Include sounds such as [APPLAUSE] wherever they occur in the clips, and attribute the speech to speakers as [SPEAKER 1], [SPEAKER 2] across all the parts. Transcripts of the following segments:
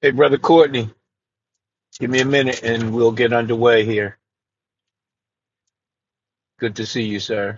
[SPEAKER 1] Hey, Brother Courtney, give me a minute and we'll get underway here. Good to see you, sir.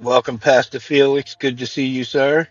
[SPEAKER 1] Welcome, Pastor Felix. Good to see you, sir.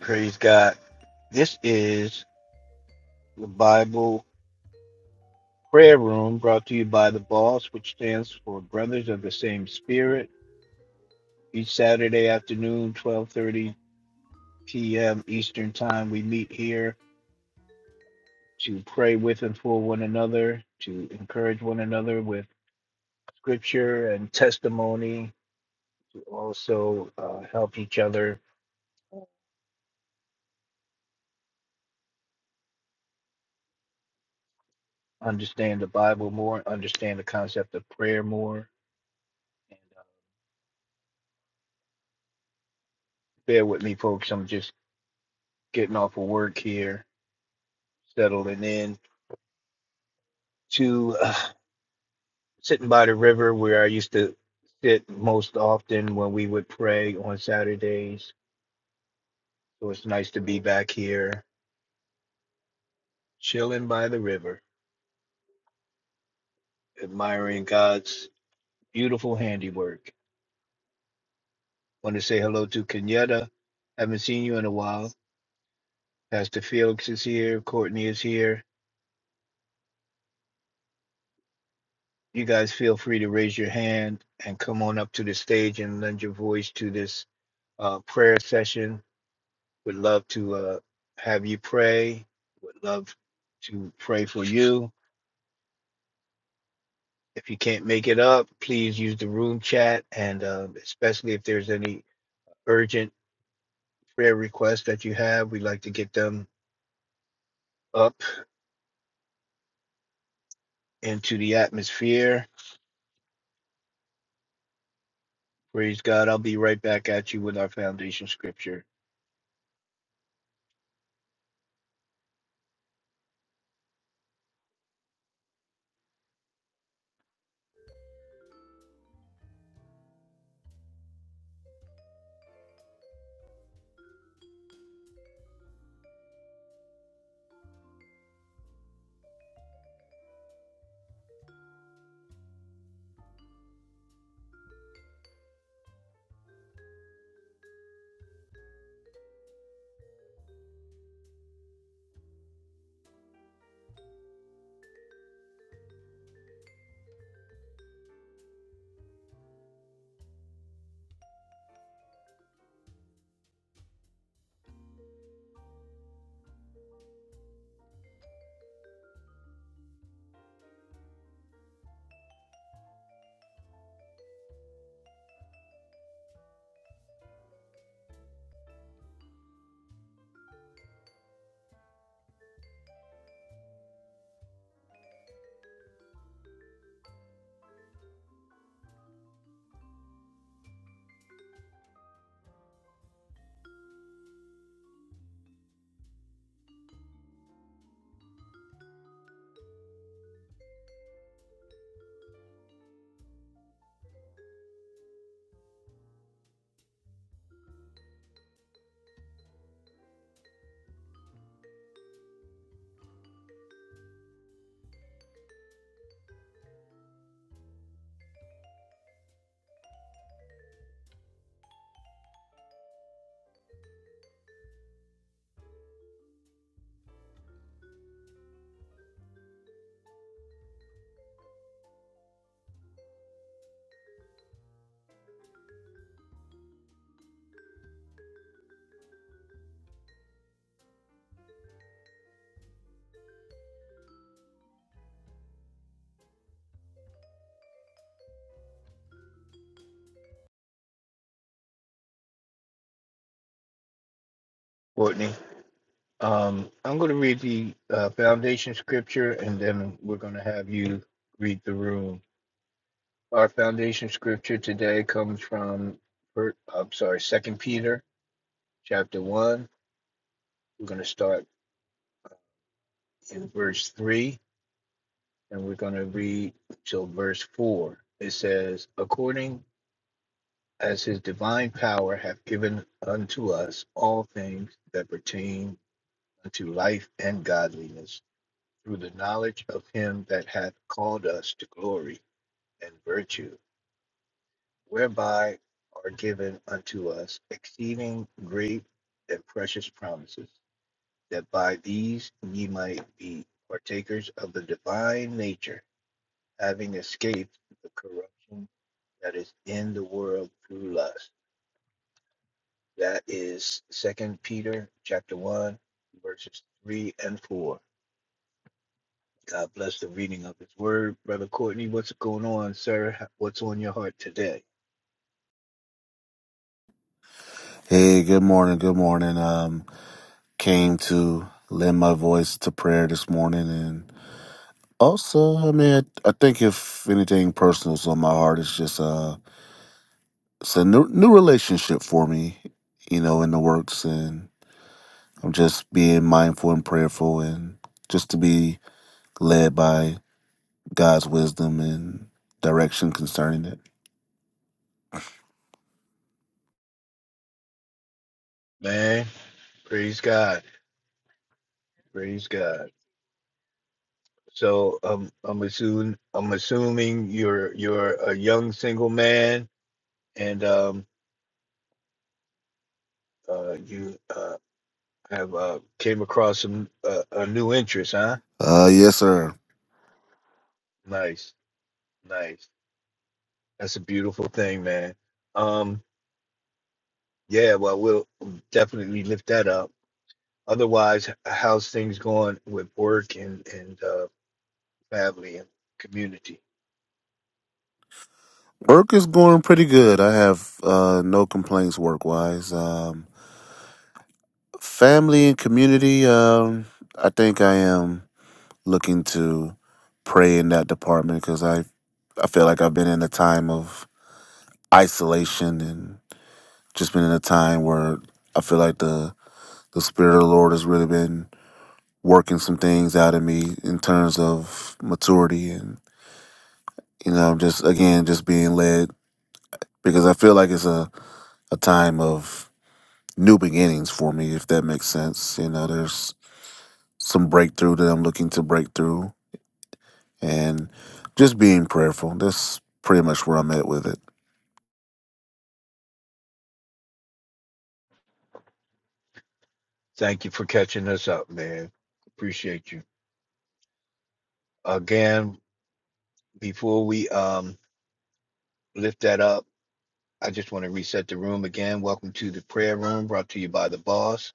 [SPEAKER 1] Praise God. This is the Bible Prayer Room brought to you by the BOSS, which stands for Brothers of the Same Spirit. Each Saturday afternoon, 12:30 p.m. Eastern Time, we meet here to pray with and for one another, to encourage one another with scripture and testimony to also uh, help each other understand the Bible more, understand the concept of prayer more. And uh, bear with me, folks. I'm just getting off of work here, settling in to uh, sitting by the river where I used to sit most often when we would pray on Saturdays. So it's nice to be back here, chilling by the river, admiring God's beautiful handiwork. Want to say hello to Kenyatta. Haven't seen you in a while. Pastor Felix is here. Courtney is here. You guys feel free to raise your hand and come on up to the stage and lend your voice to this uh, prayer session. Would love to uh, have you pray. Would love to pray for you. If you can't make it up, please use the room chat. And uh, especially if there's any urgent prayer requests that you have, we'd like to get them up into the atmosphere. Praise God. I'll be right back at you with our foundation scripture. Courtney. Um, I'm going to read the uh, foundation scripture and then we're going to have you read the room. Our foundation scripture today comes from, Fir- I'm sorry, Second Peter chapter 1. We're going to start in verse 3 and we're going to read till verse 4. It says, According as his divine power hath given unto us all things that pertain unto life and godliness through the knowledge of him that hath called us to glory and virtue, whereby are given unto us exceeding great and precious promises, that by these ye might be partakers of the divine nature, having escaped the corruption that is in the world through lust. That is Second Peter chapter one, verses three and four. God bless the reading of His Word, brother Courtney. What's going on, sir? What's on your heart today,
[SPEAKER 2] Hey, good morning. Good morning. Um, came to lend my voice to prayer this morning, and also, I mean, I, I think if anything personal's on my heart, it's just uh, it's a new new relationship for me, you know, in the works, and I'm just being mindful and prayerful, and just to be led by God's wisdom and direction concerning it.
[SPEAKER 1] man? Praise God. Praise God. So um, I'm assuming I'm assuming you're you're a young single man and um, uh, you uh, have uh, came across some uh, a new interest, huh?
[SPEAKER 2] Uh, yes, sir.
[SPEAKER 1] Nice, nice. That's a beautiful thing, man. Um, yeah, well, we'll definitely lift that up. Otherwise, h- how's things going with work and and uh, family and community?
[SPEAKER 2] Work is going pretty good. I have uh no complaints work wise. Um Family and community, um, I think I am looking to pray in that department because I, I feel like I've been in a time of isolation and just been in a time where I feel like the, the Spirit of the Lord has really been working some things out of me in terms of maturity and, you know, just again, just being led because I feel like it's a, a time of new beginnings for me, if that makes sense. You know, there's some breakthrough that I'm looking to break through and just being prayerful. That's pretty much where I'm at with it.
[SPEAKER 1] Thank you for catching us up, man. Appreciate you again. Before we um lift that up. I just want to reset the room again. Welcome to the prayer room brought to you by the boss,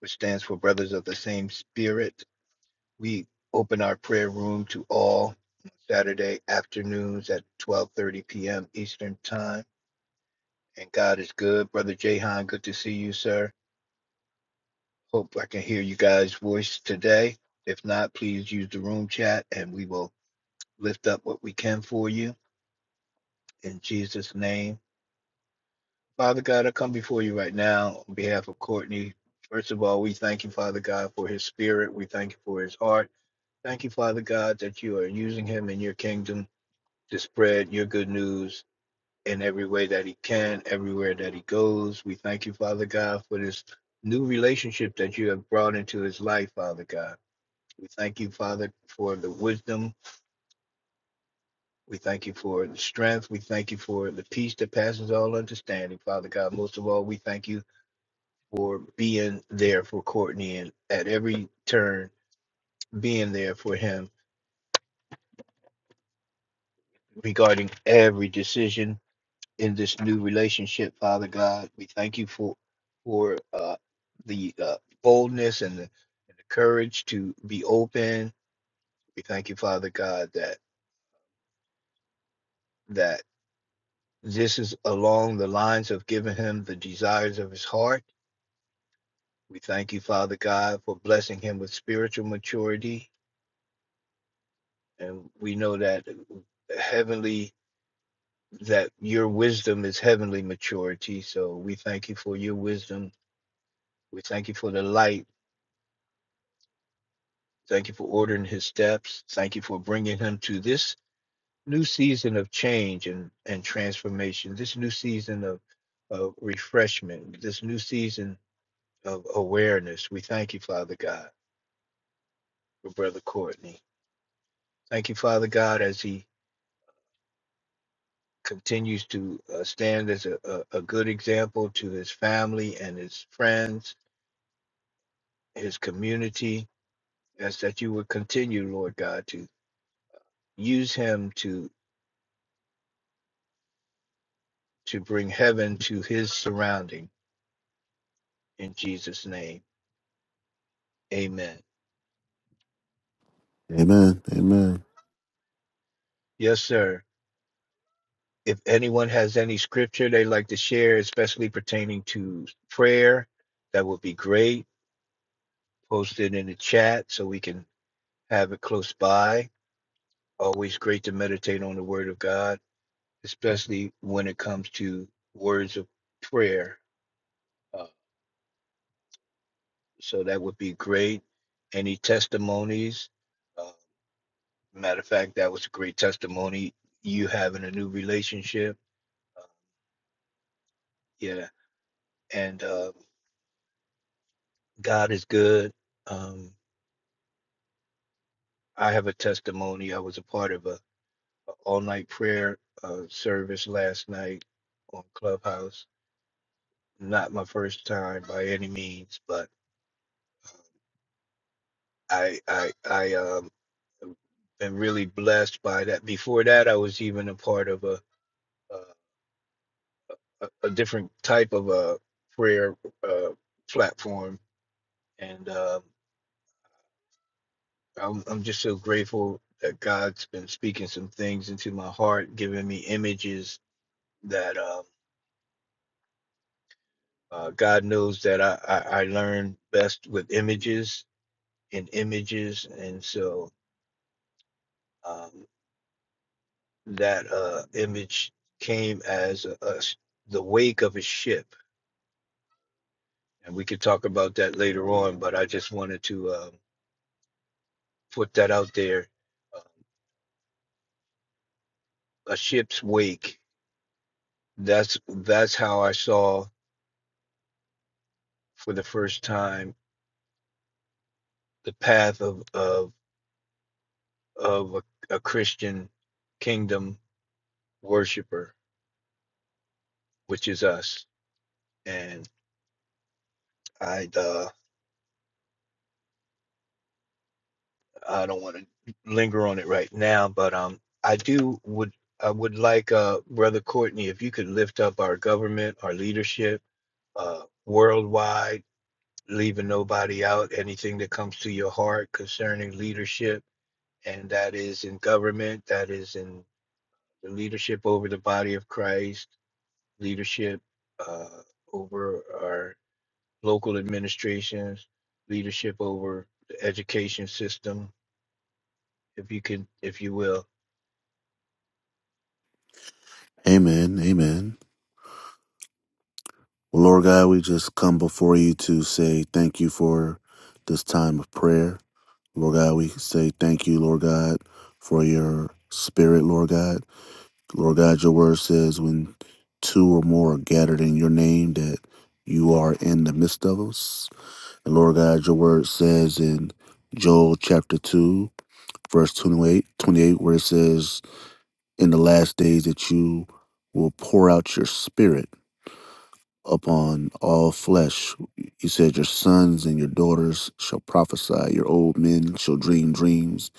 [SPEAKER 1] which stands for Brothers of the Same Spirit. We open our prayer room to all Saturday afternoons at 12:30 p.m. Eastern Time. And God is good. Brother Jahan, good to see you, sir. Hope I can hear you guys' voice today. If not, please use the room chat and we will lift up what we can for you. In Jesus' name. Father God, I come before you right now on behalf of Courtney. First of all, we thank you, Father God, for his spirit. We thank you for his heart. Thank you, Father God, that you are using him in your kingdom to spread your good news in every way that he can, everywhere that he goes. We thank you, Father God, for this new relationship that you have brought into his life, Father God. We thank you, Father, for the wisdom. We thank you for the strength. We thank you for the peace that passes all understanding, Father God. Most of all, we thank you for being there for Courtney and at every turn being there for him regarding every decision in this new relationship, Father God. We thank you for for uh, the uh, boldness and the, and the courage to be open. We thank you, Father God, that that this is along the lines of giving him the desires of his heart. We thank you, Father God, for blessing him with spiritual maturity. And we know that heavenly that your wisdom is heavenly maturity. So we thank you for your wisdom. We thank you for the light. Thank you for ordering his steps. Thank you for bringing him to this new season of change and, and transformation, this new season of, of refreshment, this new season of awareness. We thank you, Father God, for Brother Courtney. Thank you, Father God, as he continues to uh, stand as a, a, a good example to his family and his friends, his community As that you would continue, Lord God, to use him to to bring heaven to his surrounding in Jesus' name. Amen.
[SPEAKER 2] Amen. Amen.
[SPEAKER 1] Yes, sir. If anyone has any scripture they'd like to share, especially pertaining to prayer, that would be great. Post it in the chat so we can have it close by. Always great to meditate on the word of God, especially when it comes to words of prayer. Uh, So that would be great. Any testimonies? Uh, matter of fact, that was a great testimony. You having a new relationship. Uh, yeah. And uh, God is good. Um, I have a testimony. I was a part of a, all night prayer uh, service last night on Clubhouse. Not my first time by any means, but I I I um been really blessed by that. Before that, I was even a part of a a, a different type of a prayer uh, platform, and uh, I'm, I'm just so grateful that God's been speaking some things into my heart, giving me images that uh, uh, God knows that I, I, I learn best with images and images, and so um, that uh, image came as a, a s- the wake of a ship, and we could talk about that later on, but I just wanted to uh, put that out there uh, a ship's wake. That's that's how I saw for the first time the path of of of a, a Christian kingdom worshiper, which is us. And I uh, I don't want to linger on it right now, but um I do would I would like uh brother Courtney if you could lift up our government, our leadership, uh worldwide, leaving nobody out. Anything that comes to your heart concerning leadership and that is in government, that is in the leadership over the body of Christ, leadership uh, over our local administrations, leadership over the education system, if you can, if you will.
[SPEAKER 2] Amen. Amen. Well, Lord God, we just come before you to say thank you for this time of prayer. Lord God, we say thank you, Lord God, for your spirit, Lord God. Lord God, your word says when two or more are gathered in your name that you are in the midst of us. And Lord God, your word says in Joel chapter 2, verse 28, 28, where it says, in the last days that you will pour out your spirit upon all flesh. You said, Your sons and your daughters shall prophesy, your old men shall dream dreams,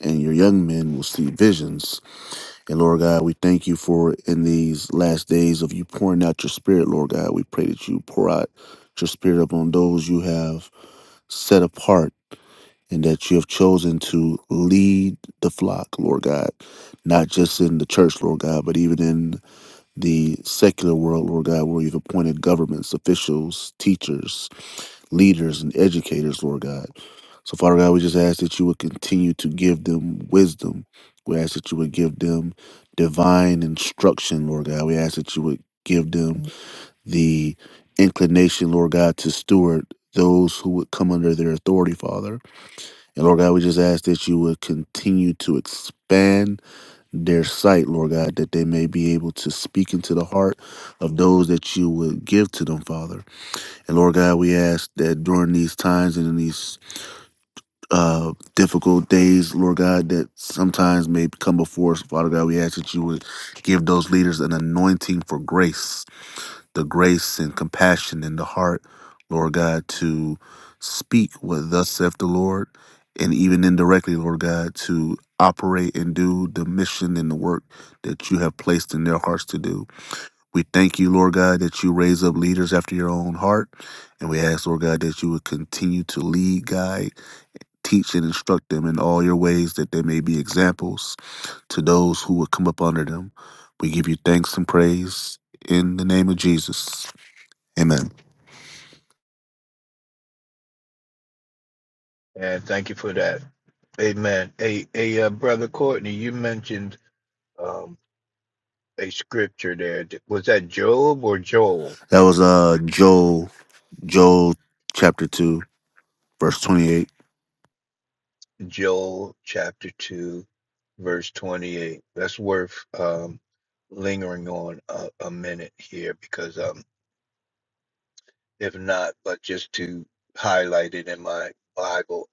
[SPEAKER 2] and your young men will see visions. And Lord God, we thank you for in these last days of you pouring out your spirit, Lord God. We pray that you pour out your spirit upon those you have set apart. And that you have chosen to lead the flock, Lord God, not just in the church, Lord God, but even in the secular world, Lord God, where you've appointed governments, officials, teachers, leaders, and educators, Lord God. So, Father God, we just ask that you would continue to give them wisdom. We ask that you would give them divine instruction, Lord God. We ask that you would give them the inclination, Lord God, to steward those who would come under their authority, Father. And Lord God, we just ask that you would continue to expand their sight, Lord God, that they may be able to speak into the heart of those that you would give to them, Father. And Lord God, we ask that during these times and in these uh, difficult days, Lord God, that sometimes may come before us, Father God, we ask that you would give those leaders an anointing for grace the grace and compassion in the heart, Lord God, to speak what thus saith the Lord, and even indirectly, Lord God, to operate and do the mission and the work that you have placed in their hearts to do. We thank you, Lord God, that you raise up leaders after your own heart, and we ask, Lord God, that you would continue to lead, guide, teach, and instruct them in all your ways that they may be examples to those who would come up under them. We give you thanks and praise in the name of Jesus. Amen.
[SPEAKER 1] And thank you for that. Amen. Hey, hey, uh, brother Courtney, you mentioned um, a scripture there. Was that Job or Joel?
[SPEAKER 2] That was uh Joel Joel chapter two verse twenty eight.
[SPEAKER 1] Joel chapter 2, verse 28. That's worth um, lingering on a, a minute here because, um, if not, but just to highlight it in my Bible.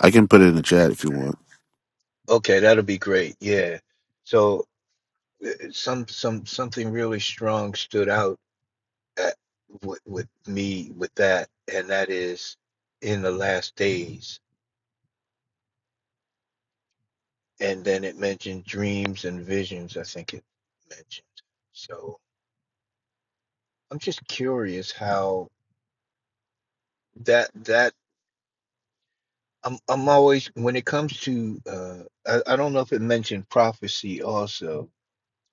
[SPEAKER 2] I can put it in the chat if you want.
[SPEAKER 1] Okay, that'll be great. Yeah. So uh, some some something really strong stood out at, with, with me with that, and that is in the last days. And then it mentioned dreams and visions. I think it mentioned. So I'm just curious how that that I'm I'm always when it comes to uh I, I don't know if it mentioned prophecy also,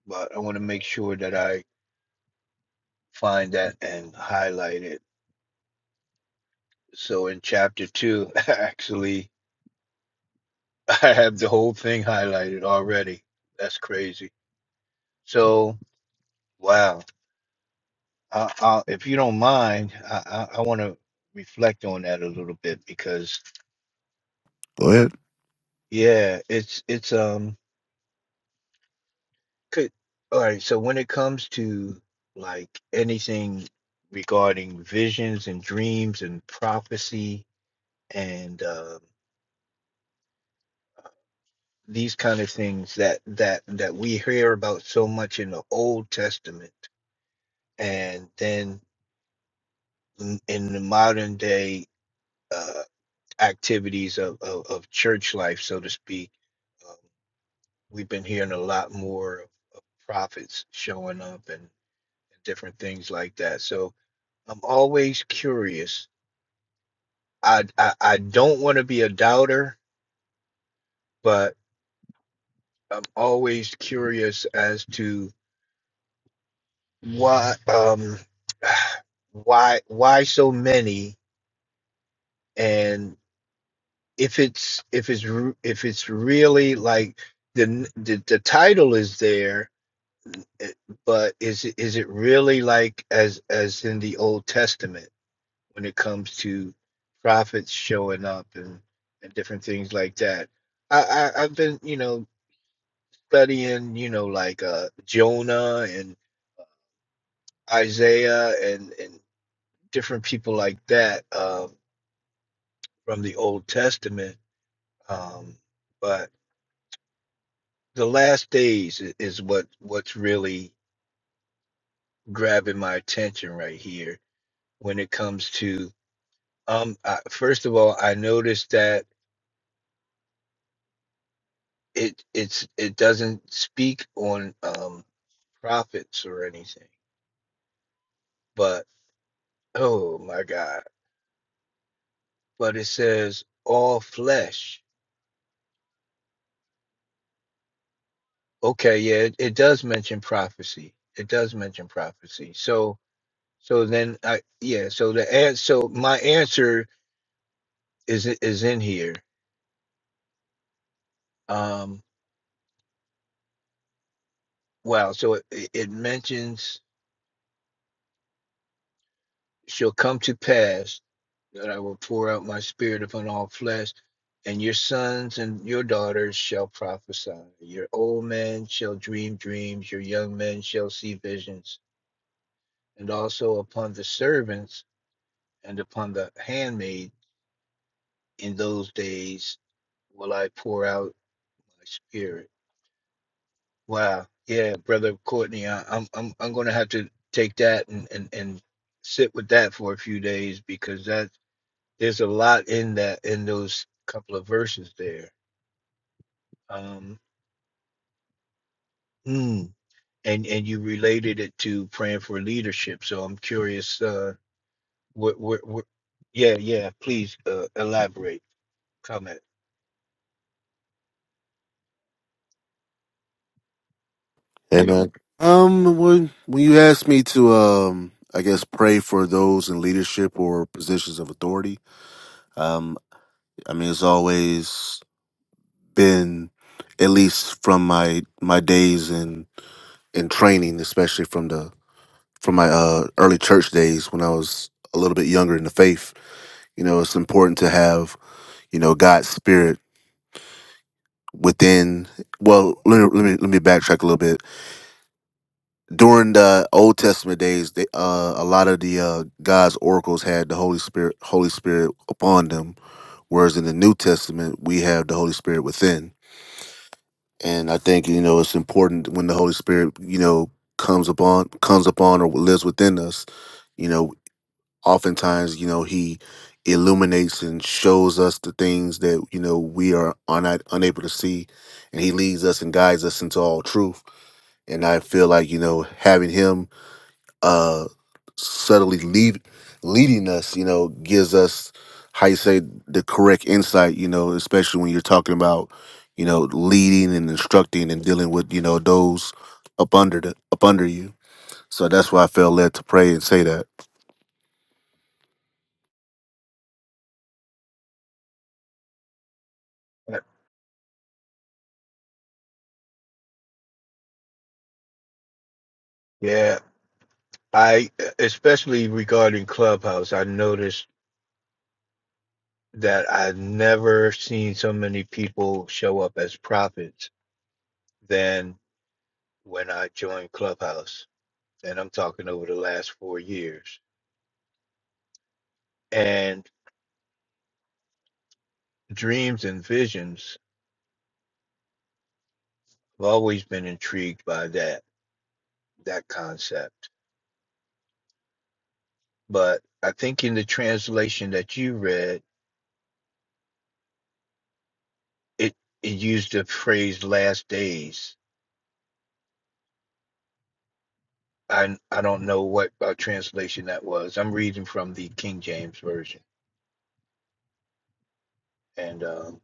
[SPEAKER 1] but I want to make sure that I find that and highlight it. So in chapter two, [LAUGHS] actually, I have the whole thing highlighted already. That's crazy. So wow, I, I, if you don't mind, I I, I want to reflect on that a little bit because
[SPEAKER 2] Go ahead.
[SPEAKER 1] yeah, it's it's um. Could all right, so when it comes to like anything regarding visions and dreams and prophecy and um these kind of things that that that we hear about so much in the Old Testament and then in, in the modern day uh activities of, of of church life so to speak um, we've been hearing a lot more of prophets showing up and different things like that so I'm always curious I I, I don't want to be a doubter, but I'm always curious as to why um [SIGHS] why why so many and if it's if it's re- if it's really like the n- the, the title is there eh, but is it is it really like as as in the Old Testament when it comes to prophets showing up and and different things like that I, I I've been you know studying, you know, like uh, Jonah and Isaiah and and different people like that um, from the Old Testament. Um, but the last days i- is what what's really grabbing my attention right here when it comes to um I, first of all I noticed that it it's it doesn't speak on um prophets or anything but oh my God but it says all flesh Okay, yeah, it, it does mention prophecy. It does mention prophecy. So, so then I, yeah, so the answer, so my answer is is in here. Um, wow, so it, it mentions shall come to pass that I will pour out my spirit upon all flesh, and your sons and your daughters shall prophesy. Your old men shall dream dreams, your young men shall see visions, and also upon the servants and upon the handmaid in those days will I pour out my spirit. Wow. Yeah, brother Courtney, I, I'm I'm I'm gonna have to take that and, and, and sit with that for a few days because that there's a lot in that in those couple of verses there. Um mm, and and you related it to praying for leadership. So I'm curious uh what what, what yeah, yeah, please uh, elaborate, comment.
[SPEAKER 2] Hey man. Um, when when you asked me to um, I guess pray for those in leadership or positions of authority. Um, I mean it's always been at least from my my days in in training, especially from the from my uh, early church days when I was a little bit younger in the faith. You know, it's important to have you know God's spirit within. Well, let me let me, let me backtrack a little bit. During the Old Testament days, they, uh, a lot of the uh, God's oracles had the Holy Spirit Holy Spirit upon them, whereas in the New Testament we have the Holy Spirit within. And I think you know it's important when the Holy Spirit you know comes upon comes upon or lives within us. you know. oftentimes you know he illuminates and shows us the things that you know we are un- unable to see and he leads us and guides us into all truth and i feel like you know having him uh subtly lead leading us you know gives us how you say the correct insight you know especially when you're talking about you know leading and instructing and dealing with you know those up under the up under you so that's why i felt led to pray and say that
[SPEAKER 1] Yeah, I especially regarding Clubhouse, I noticed that I've never seen so many people show up as prophets than when I joined Clubhouse. And I'm talking over the last four years. And dreams and visions, I've always been intrigued by that, that concept. But I think in the translation that you read, it, it used the phrase last days. I, I don't know what uh, translation that was. I'm reading from the King James Version. And um,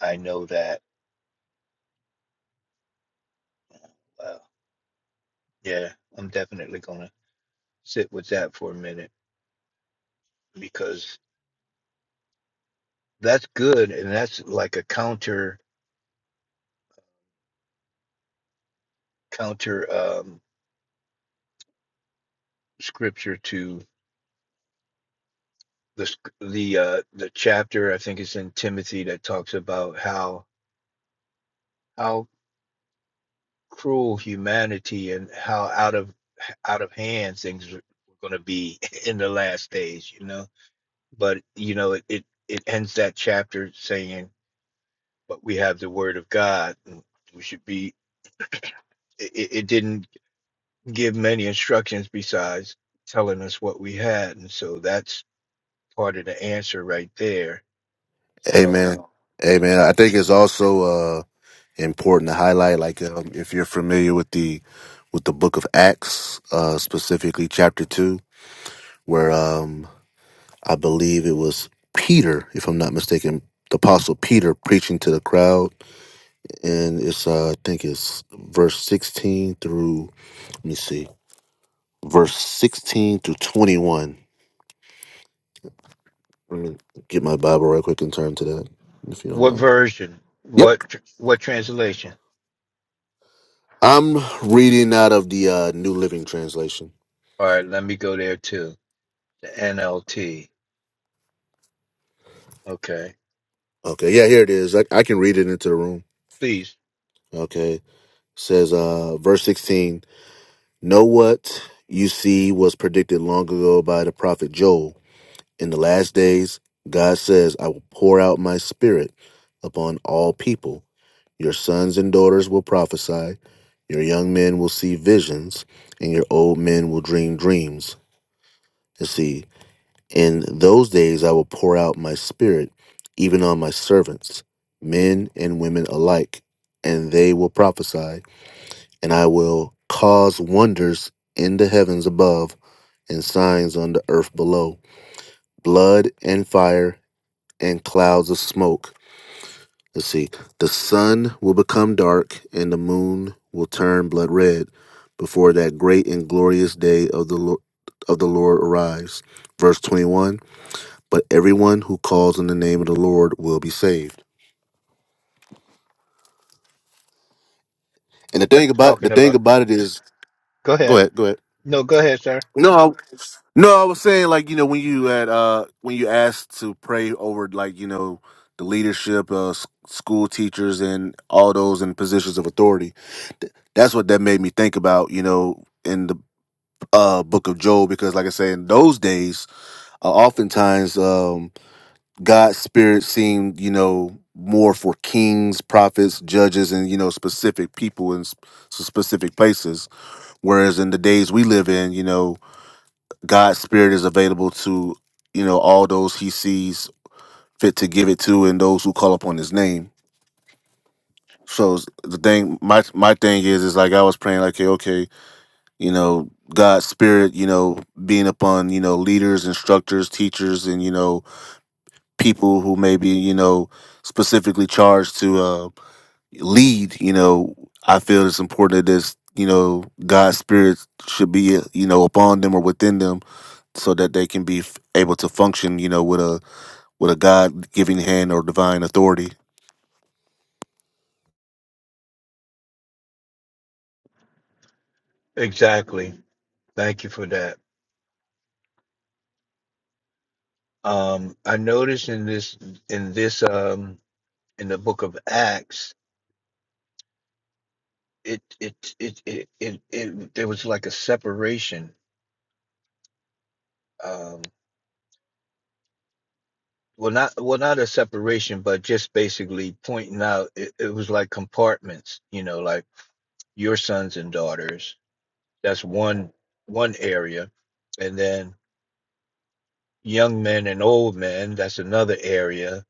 [SPEAKER 1] I know that. uh, Yeah, I'm definitely gonna sit with that for a minute because that's good, and that's like a counter counter um scripture to the sc- the uh the chapter I think it's in Timothy that talks about how how cruel humanity and how out of out of hand things are going to be [LAUGHS] in the last days, you know. But you know, it, it it ends that chapter saying, "But we have the word of God, and we should be [CLEARS THROAT] it, it it didn't give many instructions besides telling us what we had. And so that's part of the answer right there. So
[SPEAKER 2] Amen. Amen. I think it's also uh, important to highlight, like um, if you're familiar with the with the Book of Acts, uh, specifically chapter two, where um, I believe it was Peter, if I'm not mistaken, the Apostle Peter preaching to the crowd, and it's uh, I think it's verse 16 through let me see, verse 16 through 21. Let me get my Bible right quick and turn to that, if you don't
[SPEAKER 1] what
[SPEAKER 2] mind.
[SPEAKER 1] version?
[SPEAKER 2] Yep.
[SPEAKER 1] What tr- what translation?
[SPEAKER 2] I'm reading out of the uh, New Living Translation.
[SPEAKER 1] All right, let me go there too. The NLT. Okay.
[SPEAKER 2] Okay, yeah, here it is. I, I can read it into the room.
[SPEAKER 1] Please.
[SPEAKER 2] Okay, says uh, verse 16 Know what you see was predicted long ago by the prophet Joel. In the last days, God says, I will pour out my spirit upon all people. Your sons and daughters will prophesy, your young men will see visions, and your old men will dream dreams. Let's see. In those days I will pour out my spirit even on my servants, men and women alike, and they will prophesy, and I will cause wonders in the heavens above and signs on the earth below, blood and fire and clouds of smoke. Let's see. The sun will become dark and the moon will turn blood red before that great and glorious day of the Lord, of the Lord arrives. Verse 21 but everyone who calls on the name of the Lord will be saved. And the
[SPEAKER 1] That's
[SPEAKER 2] thing about the
[SPEAKER 1] talking
[SPEAKER 2] thing
[SPEAKER 1] about
[SPEAKER 2] about it is,
[SPEAKER 1] go
[SPEAKER 2] go
[SPEAKER 1] ahead.
[SPEAKER 2] ahead, go ahead.
[SPEAKER 1] No, go ahead, sir.
[SPEAKER 2] No, I, no, I was saying like you know when you had uh when you asked to pray over like you know the leadership, uh, s- school teachers, and all those in positions of authority. Th- that's what that made me think about. You know, in the uh book of Job, because like I say, in those days, uh, oftentimes. um, God's spirit seemed, you know, more for kings, prophets, judges, and you know, specific people in sp- specific places. Whereas in the days we live in, you know, God's spirit is available to, you know, all those He sees fit to give it to, and those who call upon His name. So s- the thing, my my thing is, is like I was praying, like, okay, okay, you know, God's spirit, you know, being upon, you know, leaders, instructors, teachers, and you know, people who may be, you know, specifically charged to. Uh, lead, you know, I feel it's important that this, you know, God's spirit should be, you know, upon them or within them, so that they can be f- able to function, you know, with a with a God giving hand or divine authority.
[SPEAKER 1] Exactly. Thank you for that. Um I noticed in this in this um in the book of Acts it it it it it, it there was like a separation well not well not a separation but just basically pointing out it, it was like compartments you know like your sons and daughters that's one one area and then young men and old men that's another area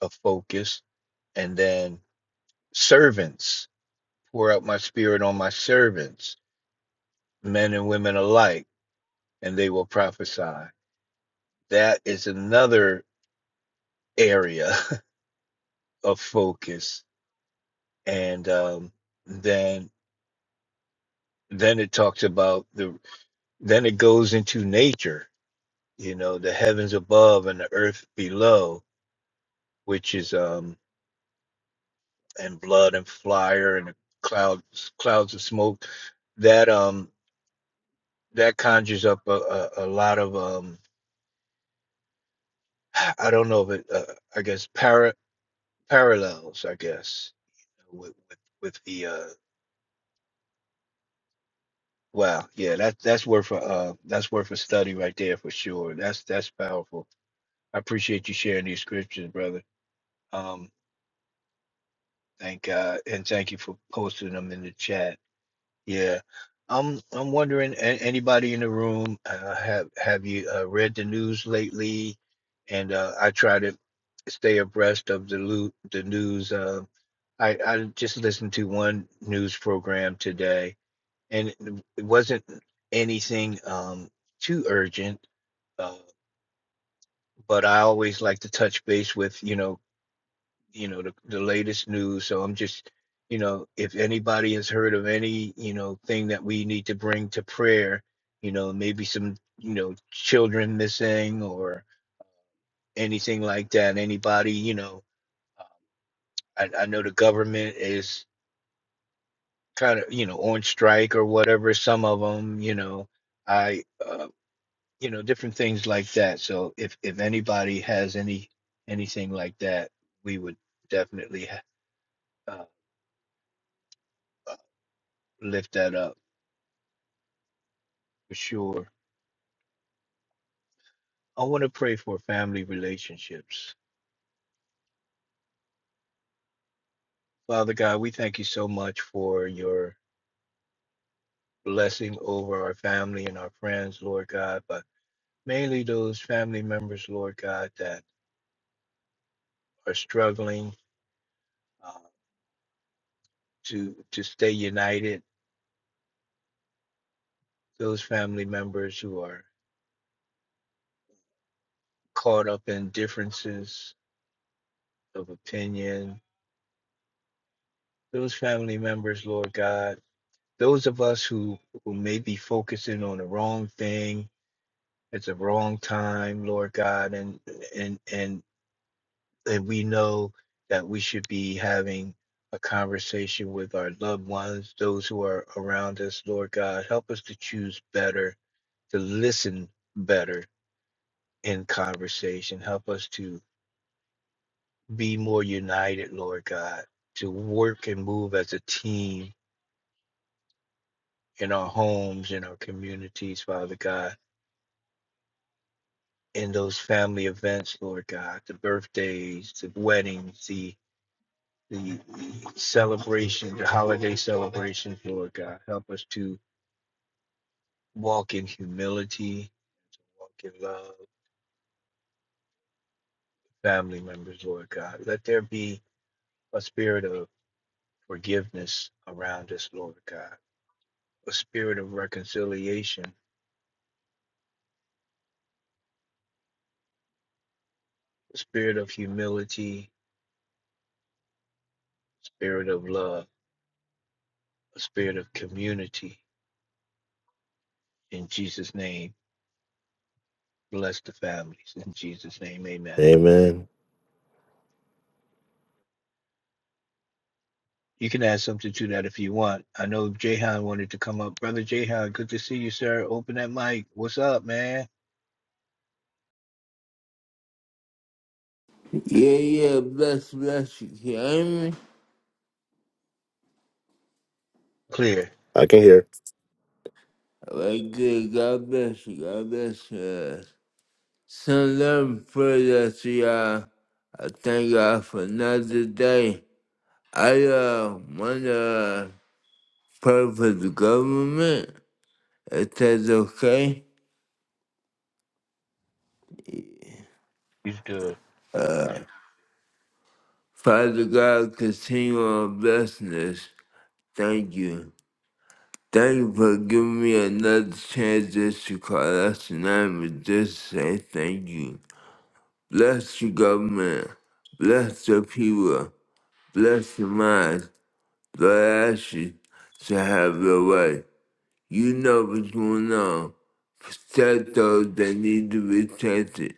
[SPEAKER 1] of focus and then servants pour out my spirit on my servants men and women alike and they will prophesy that is another area [LAUGHS] of focus and um, then then it talks about the then it goes into nature you know the heavens above and the earth below which is um and blood and fire and clouds clouds of smoke that um that conjures up a, a, a lot of um i don't know if it uh, i guess para, parallels i guess with with, with the uh wow yeah that that's worth a uh, that's worth a study right there for sure that's that's powerful i appreciate you sharing these scriptures brother um Thank God, and thank you for posting them in the chat. Yeah, I'm I'm wondering, a- anybody in the room uh, have have you uh, read the news lately? And uh, I try to stay abreast of the lo- the news. Uh, I I just listened to one news program today, and it it wasn't anything um too urgent, uh, but I always like to touch base with you know you know the, the latest news so i'm just you know if anybody has heard of any you know thing that we need to bring to prayer you know maybe some you know children missing or anything like that anybody you know i, I know the government is kind of you know on strike or whatever some of them you know i uh, you know different things like that so if if anybody has any anything like that we would definitely ha- uh, uh, lift that up for sure. I want to pray for family relationships. Father God, we thank you so much for your blessing over our family and our friends, Lord God, but mainly those family members, Lord God, that are struggling uh, to to stay united. Those family members who are caught up in differences of opinion. Those family members, Lord God. Those of us who who may be focusing on the wrong thing It's a wrong time, Lord God, and and and and we know that we should be having a conversation with our loved ones, those who are around us, Lord God. Help us to choose better, to listen better in conversation. Help us to be more united, Lord God, to work and move as a team in our homes, in our communities, Father God, in those family events, Lord God, the birthdays, the weddings, the the celebration, the holiday celebrations, Lord God. Help us to walk in humility, walk in love, family members, Lord God. Let there be a spirit of forgiveness around us, Lord God, a spirit of reconciliation, a spirit of humility, spirit of love, a spirit of community. In Jesus' name, bless the families. In Jesus' name, amen. You can add something to that if you want. I know Jahan wanted to come up. Brother Jahan, good to see you, sir. Open that mic. What's up, man?
[SPEAKER 3] Yeah, yeah, bless, bless you. Can you hear me?
[SPEAKER 1] Clear.
[SPEAKER 2] I can hear.
[SPEAKER 3] Alright, good. God bless you. God bless you. Send love and prayers to y'all. I thank God for another day. I uh, want to pray for the government, if that's okay.
[SPEAKER 1] He's good.
[SPEAKER 3] Father God, continue on blessing us. Thank you. Thank you for giving me another chance just to call us tonight, but just say thank you. Bless the government. Bless the people. Bless the minds. Lord, I ask you to have your way. You know what's going on. Protect those that need to be protected.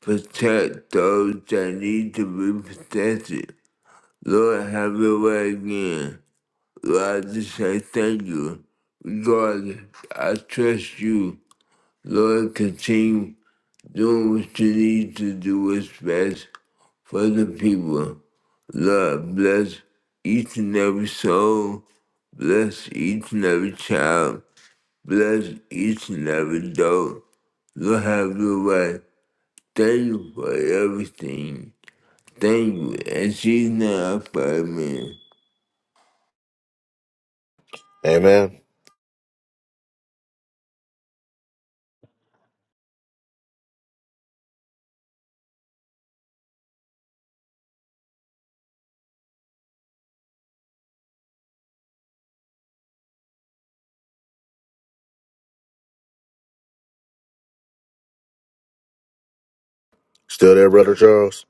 [SPEAKER 3] Protect those that need to be protected. Lord, have your way again. Lord, I just say thank you. Regardless, I trust you. Lord, continue Do what you need to do what's best for the people. Lord, bless each and every soul. Bless each and every child. Bless each and every adult. Lord, have your way. Thank you for everything. Thank you. And she's not for me.
[SPEAKER 2] Amen. Still there, brother
[SPEAKER 1] Good.
[SPEAKER 2] Charles?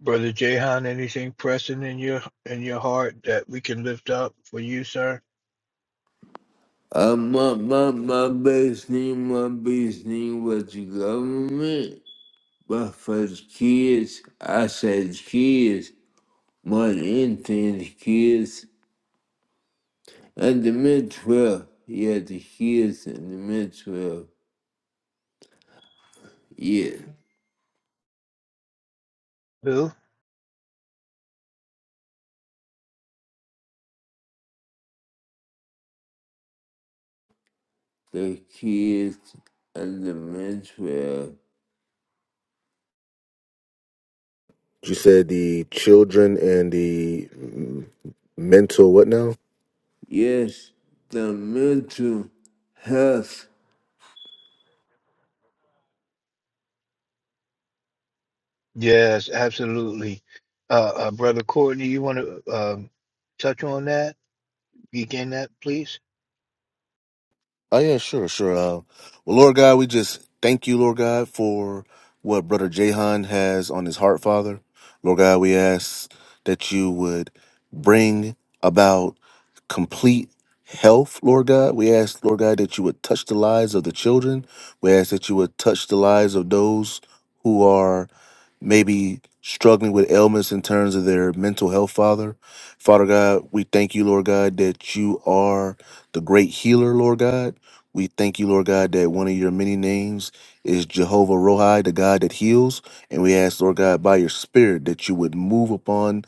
[SPEAKER 1] Brother Jahan, anything pressing in your in your heart that we can lift up for you, sir?
[SPEAKER 3] Uh, my, my, my best thing, my best thing was the government. But for the kids, I said kids. Mano, entre as kids and the mental. 12. Yeah, the kids and the mental. Yeah,
[SPEAKER 1] Who?
[SPEAKER 3] the kids and the mid
[SPEAKER 2] You said the children and the mm, mental what now?
[SPEAKER 3] Yes, the mental health.
[SPEAKER 1] Yes, absolutely. Uh, uh brother Courtney, you want to um touch on that? Begin that, please.
[SPEAKER 2] Oh yeah, sure, sure. Uh, well, Lord God, we just thank you, Lord God, for what Brother Jahan has on his heart, Father. Lord God, we ask that you would bring about complete health, Lord God. We ask, Lord God, that you would touch the lives of the children. We ask that you would touch the lives of those who are maybe struggling with ailments in terms of their mental health, Father. Father God, we thank you, Lord God, that you are the great healer, Lord God. We thank you, Lord God, that one of your many names is Jehovah Rohi, the God that heals. And we ask, Lord God, by your spirit that you would move upon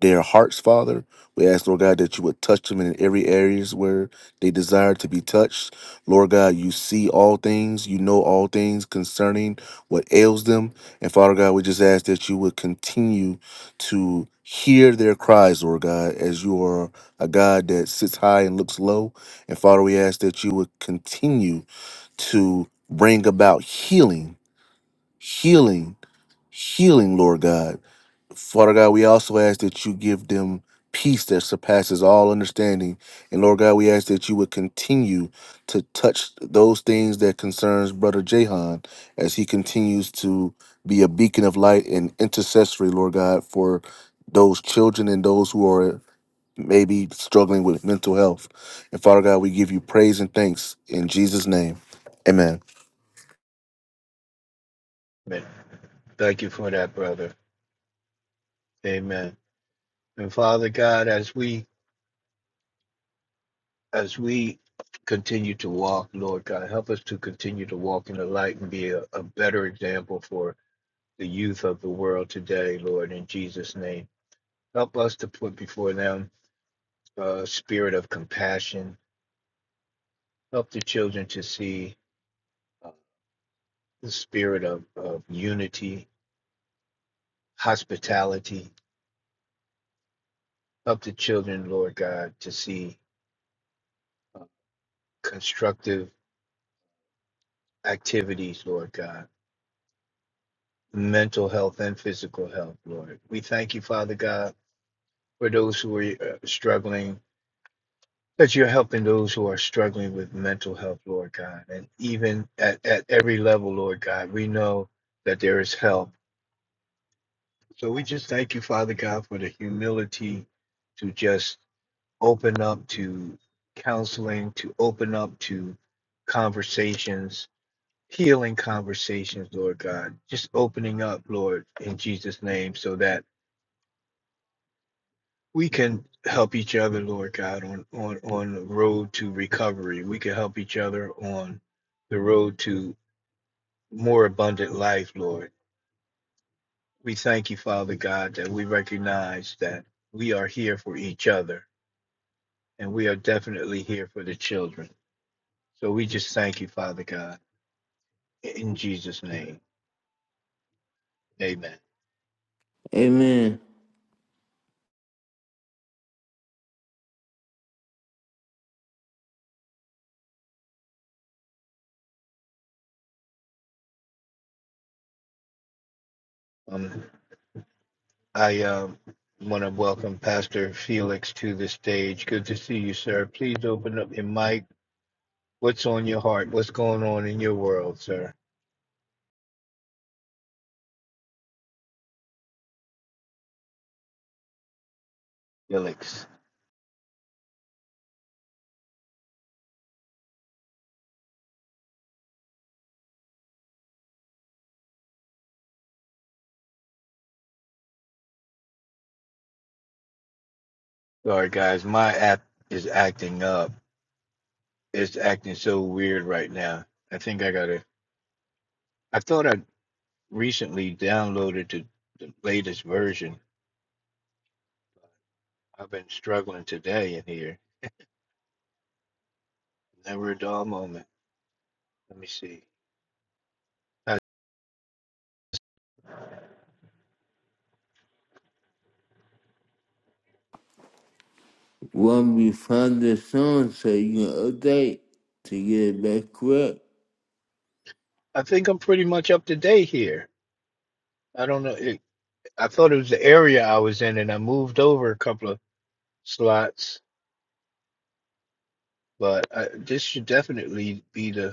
[SPEAKER 2] their hearts, Father. We ask, Lord God, that you would touch them in every areas where they desire to be touched. Lord God, you see all things, you know all things concerning what ails them. And Father God, we just ask that you would continue to hear their cries, Lord God, as you are a God that sits high and looks low. And Father, we ask that you would continue to bring about healing, healing, healing, Lord God Father God, we also ask that you give them peace that surpasses all understanding. And Lord God, we ask that you would continue to touch those things that concerns Brother Jahan as he continues to be a beacon of light and intercessory, Lord God, for those children and those who are maybe struggling with mental health. And Father God, we give you praise and thanks in Jesus' name. Amen.
[SPEAKER 1] Amen. Thank you for that, brother. Amen. And Father God, as we as we continue to walk, Lord God, help us to continue to walk in the light and be a, a better example for the youth of the world today, Lord, in Jesus' name. Help us to put before them a spirit of compassion. Help the children to see uh, the spirit of, of unity, hospitality. Help the children, Lord God, to see uh, constructive activities, Lord God, mental health and physical health, Lord. We thank you, Father God for those who are uh, struggling, that you're helping those who are struggling with mental health, Lord God. And even at, at every level, Lord God, we know that there is help. So we just thank you, Father God, for the humility to just open up to counseling, to open up to conversations, healing conversations, Lord God. Just opening up, Lord, in Jesus' name, so that we can help each other, Lord God, on on on the road to recovery. We can help each other on the road to more abundant life, Lord. We thank you, Father God, that we recognize that we are here for each other, and we are definitely here for the children. So we just thank you, Father God, in Jesus' name, Amen.
[SPEAKER 3] Amen.
[SPEAKER 1] Um, I um, want to welcome Pastor Felix to the stage. Good to see you, sir. Please open up your mic What's on your heart? What's going on in your world, sir? Felix. Sorry, guys. My app is acting up. It's acting so weird right now. I think I gotta. I thought I recently downloaded the, the latest version. I've been struggling today in here. Never a dull moment. Let me see. I,
[SPEAKER 3] When we find the song so you can update to get it back correct.
[SPEAKER 1] I think I'm pretty much up to date here. I don't know. It, I thought it was the area I was in, and I moved over a couple of slots. But I, this should definitely be the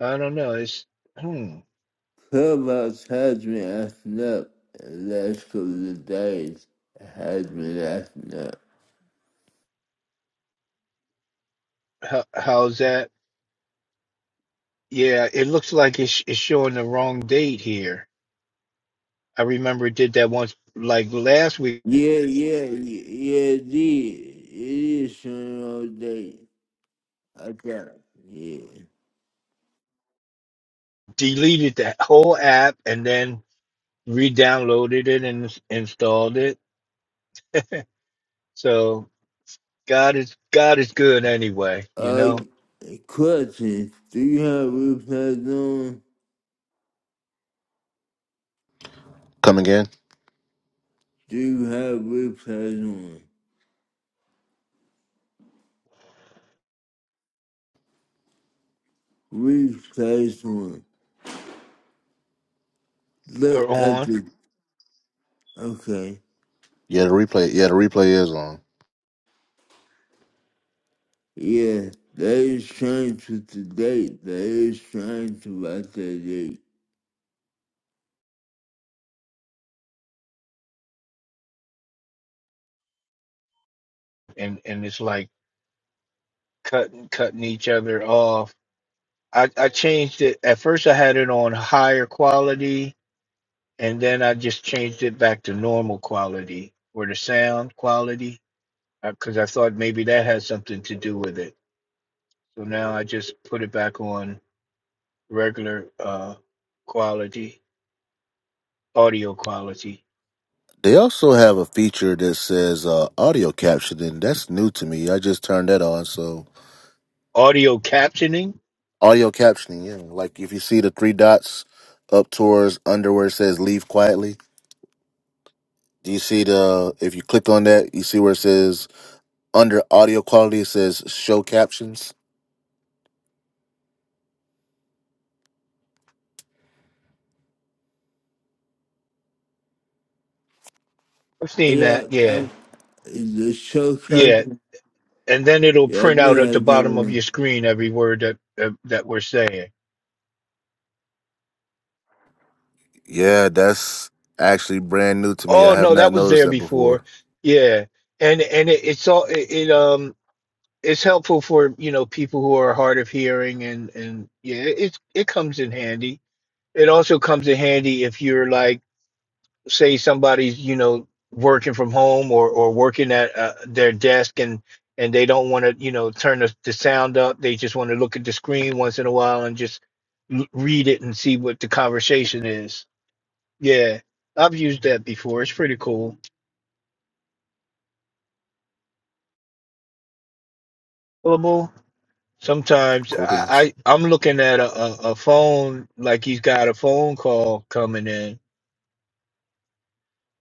[SPEAKER 1] I don't know. It's hmm.
[SPEAKER 3] Clubhouse has been acting up the last couple of days. It has been acting up.
[SPEAKER 1] How, how's that? Yeah, it looks like it's it's showing the wrong date here. I remember it did that once, like last week.
[SPEAKER 3] Yeah, yeah, yeah, yeah, it did. It is showing all day. I got it. Yeah.
[SPEAKER 1] Deleted that whole app and then re-downloaded it and ins- installed it. So God is God is good anyway. You
[SPEAKER 3] Uh,
[SPEAKER 1] know,
[SPEAKER 3] question. Do you have replays on?
[SPEAKER 2] Come again?
[SPEAKER 3] Do you have replays on? Replays on. Look
[SPEAKER 1] they're
[SPEAKER 3] at
[SPEAKER 1] on
[SPEAKER 3] the, okay.
[SPEAKER 2] Yeah, the replay. Yeah, the replay is on.
[SPEAKER 3] Yeah, they is trying to the date. They is trying to write the date.
[SPEAKER 1] and and it's like cutting cutting each other off. I I changed it. At first, I had it on higher quality. and then I just changed it back to normal quality or the sound quality because I thought maybe that had something to do with it. So now I just put it back on regular uh, quality, audio quality,
[SPEAKER 2] They also have a feature that says uh, audio captioning. That's new to me. I just turned that on. So
[SPEAKER 1] audio captioning.
[SPEAKER 2] audio captioning, yeah. Like if you see the three dots up towards under where it says "Leave quietly," do you see the? If you click on that, you see where it says under audio quality. It says "Show captions."
[SPEAKER 1] I've seen
[SPEAKER 3] Yeah,
[SPEAKER 1] that,
[SPEAKER 3] I,
[SPEAKER 1] yeah,
[SPEAKER 3] the show,
[SPEAKER 1] yeah,
[SPEAKER 3] captain.
[SPEAKER 1] and then it'll
[SPEAKER 3] yeah,
[SPEAKER 1] print
[SPEAKER 3] I've been
[SPEAKER 1] out at the
[SPEAKER 3] had
[SPEAKER 1] bottom of your
[SPEAKER 3] on.
[SPEAKER 1] screen every word that uh, that we're saying.
[SPEAKER 2] Yeah, that's actually brand new to me. I
[SPEAKER 1] Oh
[SPEAKER 2] have
[SPEAKER 1] no, that
[SPEAKER 2] not
[SPEAKER 1] was
[SPEAKER 2] noticed
[SPEAKER 1] there
[SPEAKER 2] that before.
[SPEAKER 1] before, yeah, and and it, it's all it, it um it's helpful for you know people who are hard of hearing and and yeah it it comes in handy it also comes in handy if you're like say somebody's you know working from home or or working at uh, their desk and and they don't want to you know turn the, the sound up they just want to look at the screen once in a while and just l- read it and see what the conversation is yeah i've used that before it's pretty cool Sometimes
[SPEAKER 2] Cool
[SPEAKER 1] I,
[SPEAKER 2] beans.
[SPEAKER 1] I I'm looking at a, a, a phone like he's got a phone call coming in,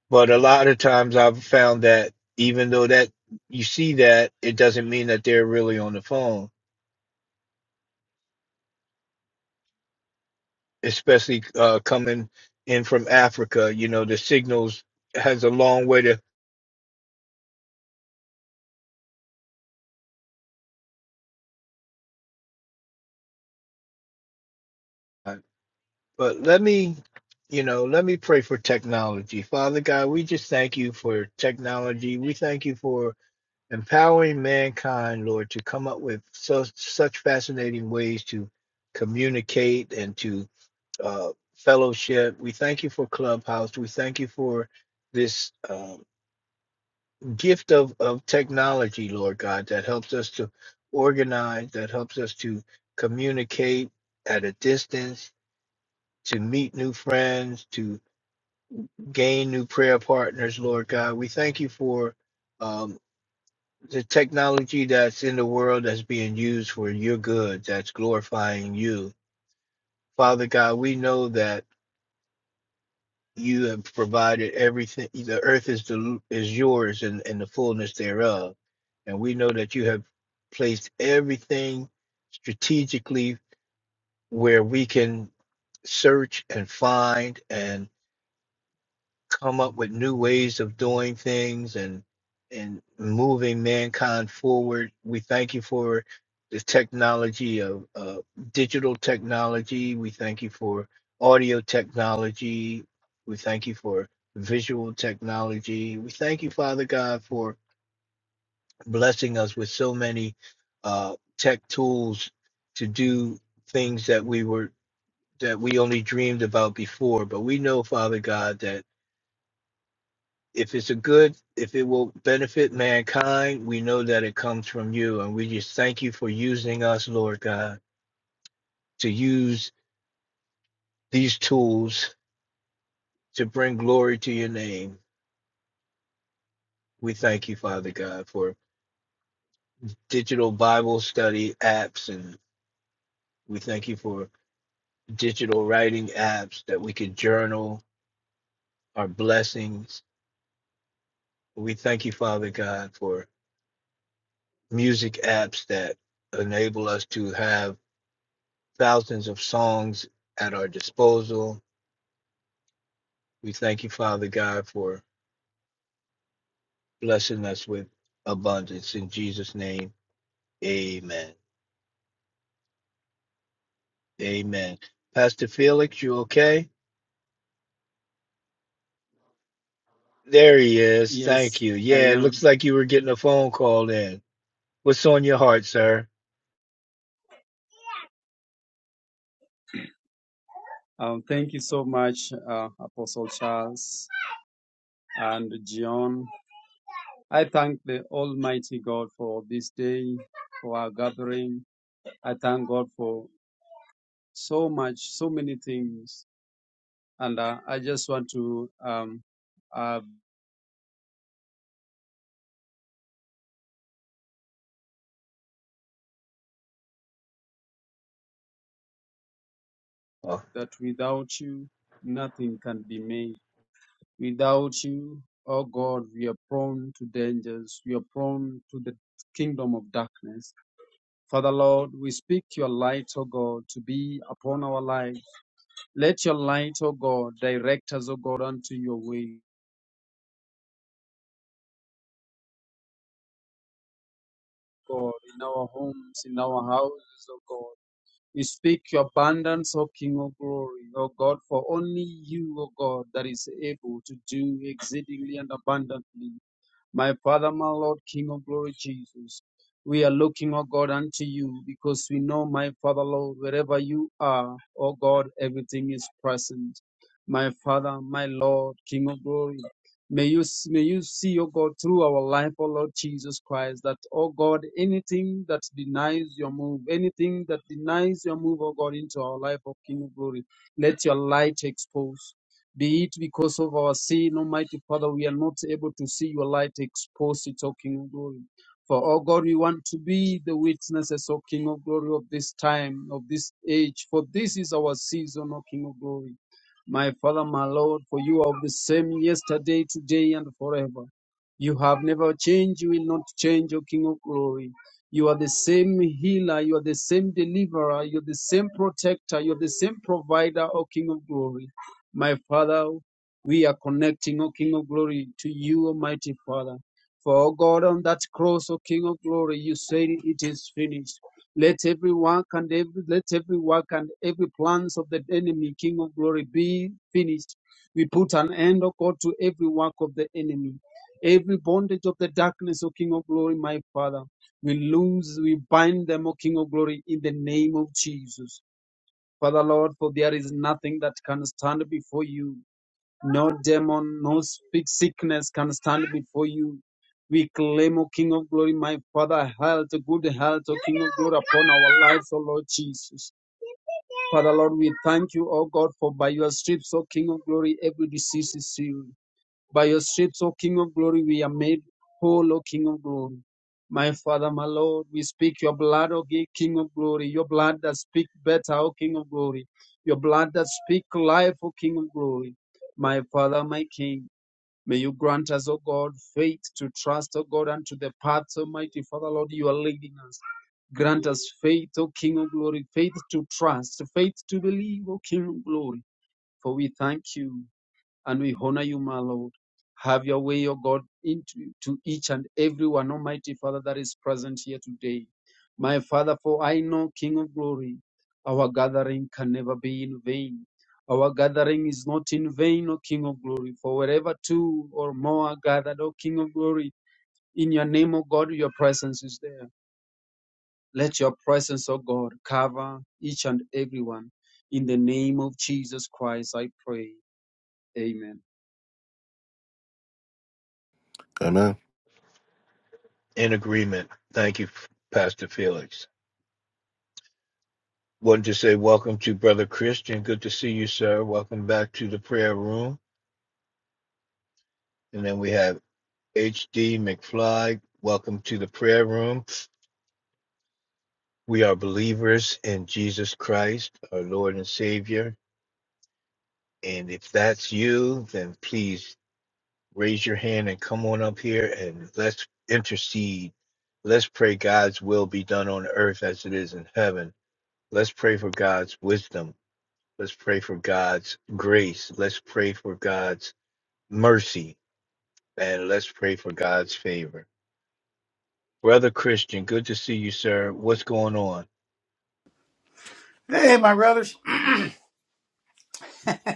[SPEAKER 1] but a lot of times I've found that even though that you see that, it doesn't mean that they're really on the phone, especially uh, coming in from Africa. You know, the signals has a long way to. But let me, you know, let me pray for technology, Father God. We just thank you for technology. We thank you for empowering mankind, Lord, to come up with so, such fascinating ways to communicate and to uh, fellowship. We thank you for Clubhouse. We thank you for this uh, gift of, of technology, Lord God, that helps us to organize, that helps us to communicate at a distance. To meet new friends, to gain new prayer partners, Lord God. We thank you for um, the technology that's in the world that's being used for your good, that's glorifying you. Father God, we know that you have provided everything. The earth is the is yours and, and the fullness thereof. And we know that you have placed everything strategically where we can search and find and. come up with new ways of doing things and and moving mankind forward. We thank you for the technology of uh, digital technology. We thank you for audio technology. We thank you for visual technology. We thank you, Father God, for blessing us with so many uh, tech tools to do things that we were that we only dreamed about before. But we know, Father God, that if it's a good, if it will benefit mankind, we know that it comes from you. And we just thank you for using us, Lord God, to use these tools to bring glory to your name. We thank you, Father God, for digital Bible study apps. And we thank you for digital writing apps that we could journal our blessings. We thank you, Father God, for music apps that enable us to have thousands of songs at our disposal We thank you, Father God, for blessing us with abundance. In Jesus' name, amen. Amen. Pastor Felix, you okay? There he is.
[SPEAKER 4] Yes,
[SPEAKER 1] Thank you.
[SPEAKER 4] I
[SPEAKER 1] Yeah, it
[SPEAKER 4] am.
[SPEAKER 1] looks like you were getting a phone call in. What's on your heart, sir?
[SPEAKER 4] Um, thank you so much, uh, Apostle Charles and John. I thank the Almighty God for this day, for our gathering. I thank God for so much, so many things. And uh, I just want to, um, uh,
[SPEAKER 1] Oh,
[SPEAKER 4] that without you, nothing can be made. Without you, oh God, we are prone to dangers. We are prone to the kingdom of darkness Father Lord, we speak your light, O God, to be upon our life. Let your light, O God, direct us, O God, unto your way, God, in our homes, in our houses, O God. We speak your abundance, O King of glory, O God, for only you, O God, that is able to do exceedingly and abundantly My Father, my Lord, King of glory, Jesus. We are looking, O God, unto you because we know, my Father, Lord, wherever you are, O God, everything is present. My Father, my Lord, King of glory. May you, may you see, O God, through our life, O Lord Jesus Christ, that, O God, anything that denies your move, anything that denies your move, O God, into our life, O King of glory, let your light expose. Be it because of our sin, Almighty Father, we are not able to see your light expose it, O King of Glory. For, O God, we want to be the witnesses, O King of Glory, of this time, of this age. For this is our season, O King of Glory. My Father, my Lord, for you are the same yesterday, today, and forever. You have never changed, you will not change, O King of Glory. You are the same healer, you are the same deliverer, you're the same protector, you're the same provider, O King of Glory. My Father, we are connecting, O King of Glory, to you, Almighty Father. For, O God, on that cross, O King of Glory, you said it is finished. Let every work and every let every work and every plans of the enemy, King of Glory, be finished. We put an end, O God, to every work of the enemy, every bondage of the darkness, O King of Glory, my Father. We lose, we bind them, O King of Glory, in the name of Jesus. Father Lord, for there is nothing that can stand before you. No demon, no speak sickness can stand before you. We claim, O King of Glory, my Father, health, good health, O King of Glory, upon our lives, O Lord Jesus. Father Lord, we thank you, O God, for by your stripes, O King of Glory, every disease is healed. By your stripes, O King of glory, we are made whole, O King of glory. My Father, my Lord, we speak your blood, O King of glory, your blood that speaks better, O King of glory, your blood that speaks life, O King of glory. My Father, my King, may you grant us, O God, faith to trust, O God, unto the paths, Almighty Father, Lord, you are leading us. Grant us faith, O King of glory, faith to trust, faith to believe, O King of glory, for we thank you and we honor you, my Lord. Have your way, O God, into to each and every one, Almighty Father, that is present here today. My Father, for I know, King of glory, our gathering can never be in vain. Our gathering is not in vain, O King of glory, for wherever two or more are gathered, O King of glory, in your name, O God, your presence is there. Let your presence, O God, cover each and every one. In the name of Jesus Christ, I pray. Amen.
[SPEAKER 2] Amen.
[SPEAKER 1] in agreement. Thank you, Pastor Felix. Wanted to say welcome to Brother Christian. Good to see you, sir. Welcome back to the prayer room. And then we have H.D. McFly. Welcome to the prayer room. We are believers in Jesus Christ, our Lord and Savior. And if that's you, then please raise your hand and come on up here and let's intercede. Let's pray God's will be done on earth as it is in heaven. Let's pray for God's wisdom. Let's pray for God's grace. Let's pray for God's mercy. And let's pray for God's favor. Brother Christian, good to see you, sir. What's going on?
[SPEAKER 5] Hey, my brothers.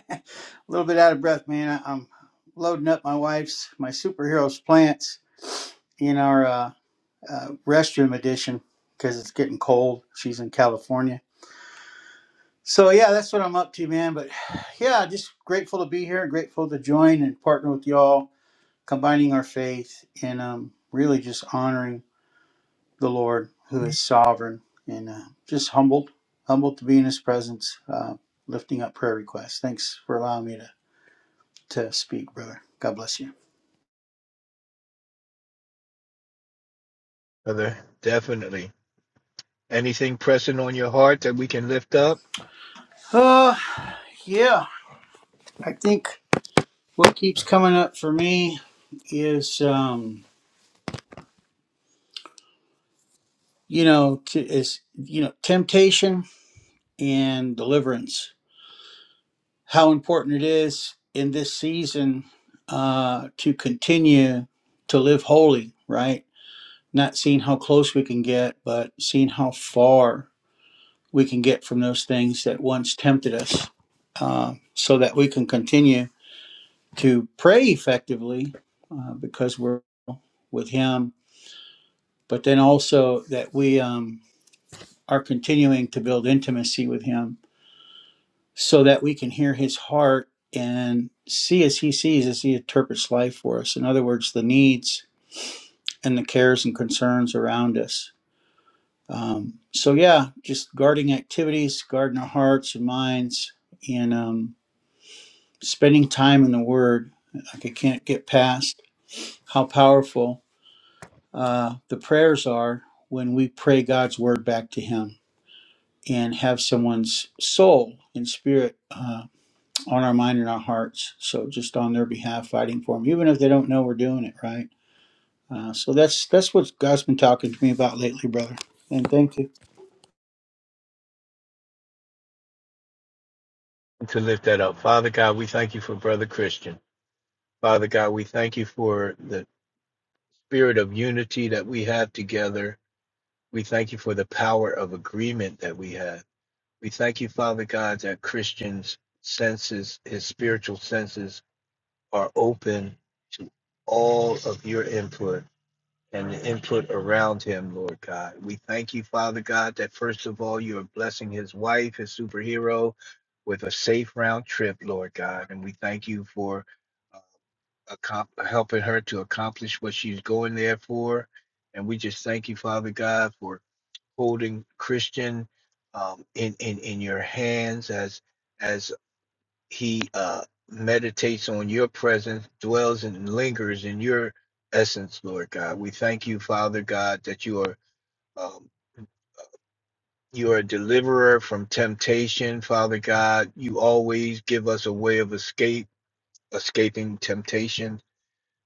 [SPEAKER 5] [LAUGHS] A little bit out of breath, man. I- I'm loading up my wife's, my superheroes plants in our uh, uh, restroom edition because it's getting cold. She's in California. So, yeah, that's what I'm up to, man. But [SIGHS] yeah, just grateful to be here, grateful to join and partner with y'all, combining our faith and um, really just honoring the Lord who is sovereign and uh, just humbled, humbled to be in his presence, uh, lifting up prayer requests. Thanks for allowing me to to speak, brother. God bless you.
[SPEAKER 1] Brother, definitely. Anything pressing on your heart that we can lift up?
[SPEAKER 5] Uh, yeah, I think what keeps coming up for me is, um, you know, t- is you know, temptation and deliverance. How important it is in this season uh, to continue to live holy, right? Not seeing how close we can get, but seeing how far we can get from those things that once tempted us, uh, so that we can continue to pray effectively uh, because we're with Him, but then also that we um, are continuing to build intimacy with Him so that we can hear His heart and see as He sees as He interprets life for us. In other words, the needs and the cares and concerns around us. Um, so, yeah, just guarding activities, guarding our hearts and minds, and um, spending time in the Word. Like I can't get past how powerful Uh, the prayers are when we pray God's word back to Him and have someone's soul and spirit uh, on our mind and our hearts. So just on their behalf, fighting for them, even if they don't know we're doing it right. Uh, so that's that's what God's been talking to me about lately, brother. And thank you.
[SPEAKER 1] To lift that up. Father God, we thank you for Brother Christian. Father God, we thank you for the spirit of unity that we have together. We thank you for the power of agreement that we have. We thank you, Father God, that Christian's senses, his spiritual senses, are open to all of your input. and the input around him, Lord God. We thank you, Father God, that first of all, you are blessing his wife, his superhero, with a safe round trip, Lord God. And we thank you for uh, accom- helping her to accomplish what she's going there for. And we just thank you, Father God, for holding Christian um, in, in, in your hands as he uh, meditates on your presence, dwells and lingers in your essence, Lord God. We thank you, Father God, that you are um, you are a deliverer from temptation, Father God. You always give us a way of escape, escaping temptation.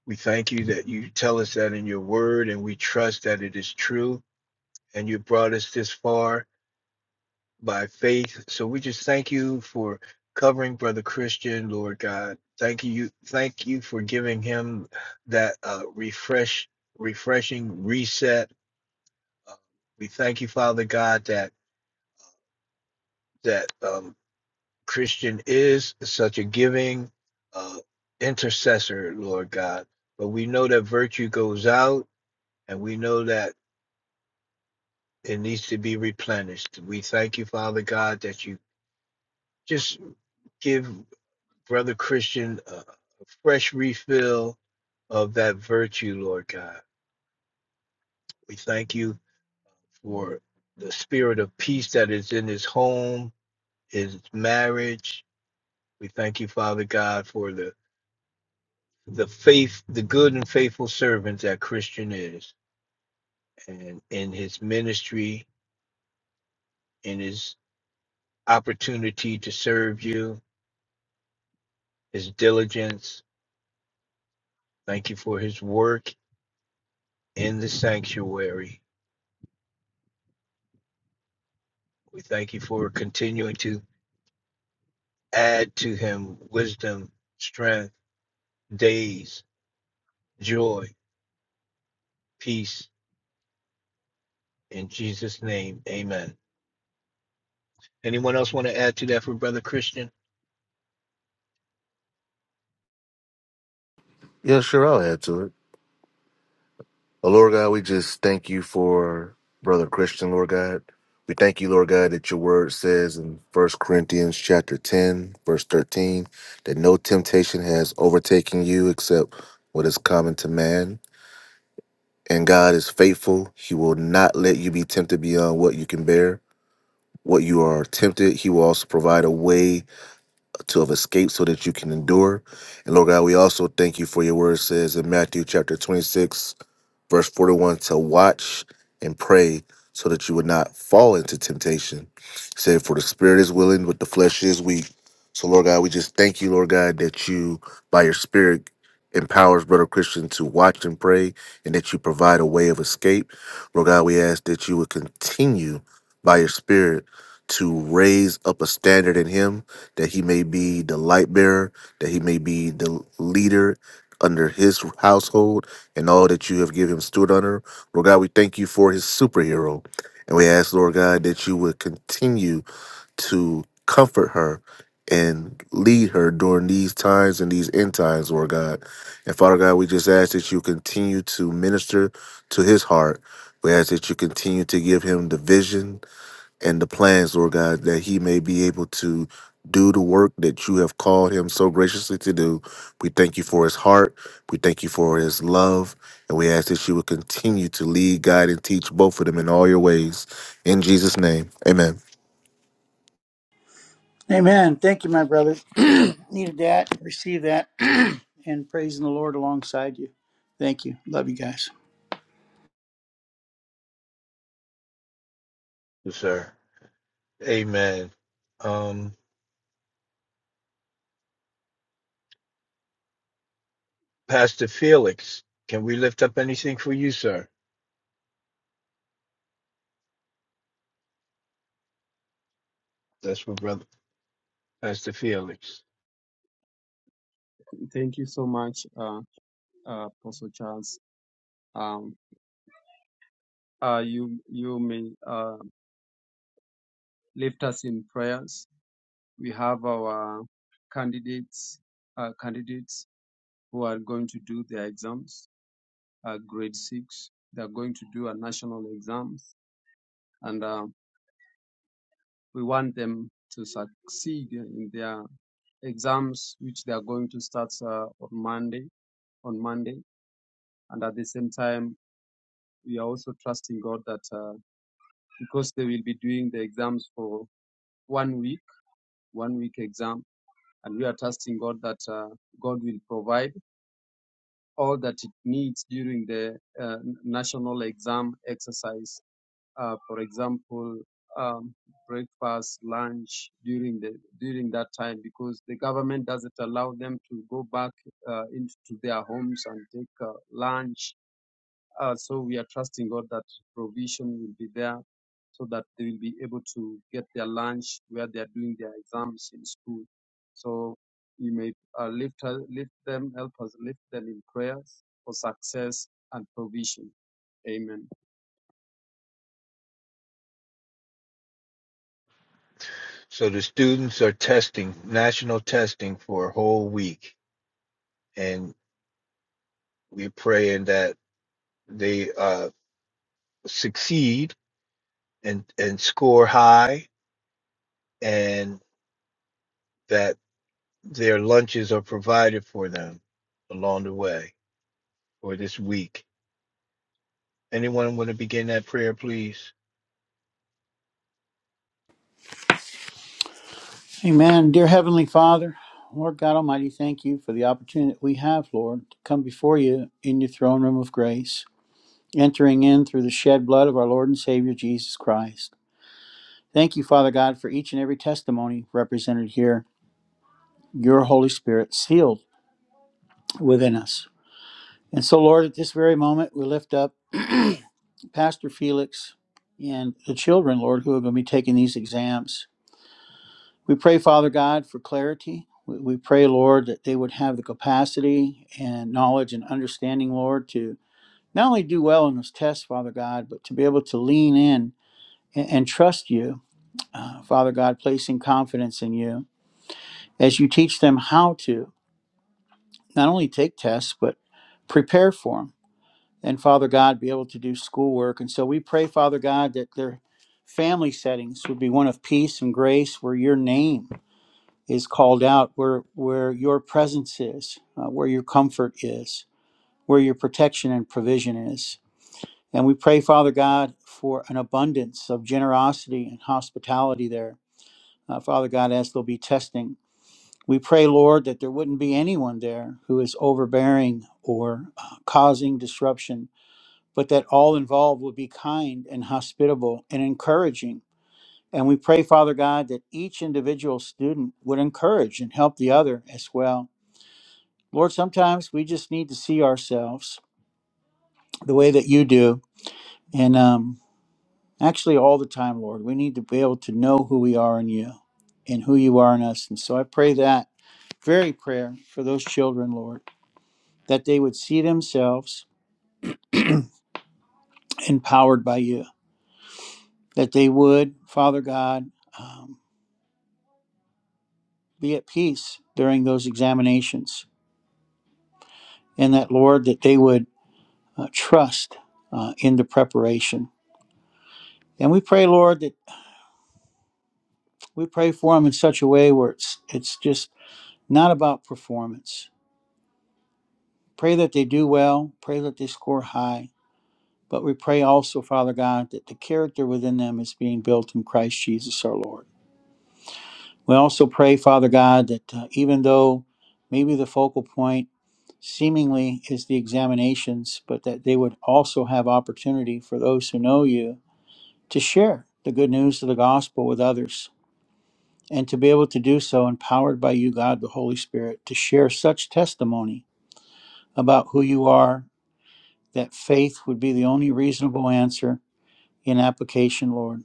[SPEAKER 1] We thank you that you tell us that in your word, and we trust that it is true. And you brought us this far by faith. So we just thank you for covering Brother Christian, Lord God. Thank you, thank you for giving him that uh, refresh, refreshing reset. Uh, we thank you, Father God, that that um, Christian is such a giving uh, intercessor, Lord God. But we know that virtue goes out, and we know that it needs to be replenished. We thank you, Father God, that you just give. Brother Christian uh, a fresh refill of that virtue, Lord God. We thank you for the spirit of peace that is in his home, his marriage. We thank you, Father God, for the the faith, the good and faithful servant that Christian is, and in his ministry, in his opportunity to serve you, his diligence. Thank you for his work in the sanctuary. We thank you for continuing to add to him wisdom, strength, days, joy, peace. In Jesus' name, amen. Anyone else want to add to that for Brother Christian?
[SPEAKER 2] Yeah, sure. I'll add to it. Oh, Lord God, we just thank you for Brother Christian, Lord God. We thank you, Lord God, that your word says in First Corinthians chapter 10, verse 13, that no temptation has overtaken you except what is common to man. And God is faithful. He will not let you be tempted beyond what you can bear. What you are tempted, He will also provide a way to of escape so that you can endure. And Lord God, we also thank you for your word says in Matthew chapter 26. Verse 41 to watch and pray so that you would not fall into temptation. He said, For the spirit is willing, but the flesh is weak. So, Lord God, we just thank you, Lord God, that you, by your spirit, empowers brother Christian to watch and pray and that you provide a way of escape. Lord God, we ask that you would continue by your spirit to raise up a standard in him that he may be the light bearer, that he may be the leader under his household, and all that you have given him steward under. Lord God, we thank you for his superhero. And we ask, Lord God, that you would continue to comfort her and lead her during these times and these end times, Lord God. And Father God, we just ask that you continue to minister to his heart. We ask that you continue to give him the vision, and the plans, Lord God, that he may be able to do the work that you have called him so graciously to do. We thank you for his heart. We thank you for his love. And we ask that you would continue to lead, guide, and teach both of them in all your ways. In Jesus' name, amen.
[SPEAKER 5] Amen. Thank you, my brother. [CLEARS THROAT] Needed that. Receive that. [CLEARS THROAT] and praising the Lord alongside you. Thank you. Love you guys.
[SPEAKER 1] Yes, sir. Amen. Um, Pastor Felix, can we lift up anything for you, sir? That's for Brother Pastor Felix.
[SPEAKER 4] Thank you so much, uh, uh, Apostle Charles. Um, uh, you you may uh, lift us in prayers. We have our candidates uh, candidates who are going to do their exams, uh, grade six. They are going to do a national exams, and uh, we want them to succeed in their exams, which they are going to start uh, on Monday. On Monday, and at the same time, we are also trusting God that. Uh, because they will be doing the exams for one week, one week exam. And we are trusting God that uh, God will provide all that it needs during the uh, national exam exercise. Uh, for example, um, breakfast, lunch during the during that time, because the government doesn't allow them to go back uh, into their homes and take uh, lunch Uh, so we are trusting God that provision will be there so that they will be able to get their lunch where they are doing their exams in school. So you may uh, lift, her- lift them, help us lift them in prayers for success and provision. Amen.
[SPEAKER 1] So the students are testing, national testing for a whole week, and we're praying that they uh, succeed and, and score high and that their lunches are provided for them along the way or this week. Anyone want to begin that prayer, please?
[SPEAKER 5] Amen. Dear Heavenly Father, Lord God Almighty, thank you for the opportunity that we have, Lord, to come before you in your throne room of grace, entering in through the shed blood of our Lord and Savior Jesus Christ. Thank you, Father God, for each and every testimony represented here, your Holy Spirit sealed within us. And so, Lord, at this very moment, we lift up [CLEARS THROAT] Pastor Felix and the children, Lord, who are going to be taking these exams. We pray, Father God, for clarity. We, we pray, Lord, that they would have the capacity and knowledge and understanding, Lord, to not only do well in those tests, Father God, but to be able to lean in and, and trust you, uh, Father God, placing confidence in you as you teach them how to not only take tests, but prepare for them. And Father God, be able to do schoolwork. And so we pray, Father God, that their family settings would be one of peace and grace where your name is called out where where your presence is uh, where your comfort is where your protection and provision is and we pray father god for an abundance of generosity and hospitality there uh, father god as there'll be testing we pray lord that there wouldn't be anyone there who is overbearing or uh, causing disruption but that all involved would be kind and hospitable and encouraging and we pray, Father God, that each individual student would encourage and help the other as well Lord, sometimes we just need to see ourselves the way that you do. And um, actually, all the time, Lord, we need to be able to know who we are in you and who you are in us. And so I pray that very prayer for those children, Lord, that they would see themselves empowered by you, that they would, Father God, um, be at peace during those examinations, and that, Lord, that they would uh, trust uh, in the preparation. And we pray, Lord, that we pray for them in such a way where it's it's just not about performance. Pray that they do well, pray that they score high, but we pray also, Father God, that the character within them is being built in Christ Jesus our Lord. We also pray, Father God, that uh, even though maybe the focal point seemingly is the examinations, but that they would also have opportunity for those who know you to share the good news of the gospel with others and to be able to do so empowered by you, God, the Holy Spirit, to share such testimony about who you are, that faith would be the only reasonable answer in application, Lord,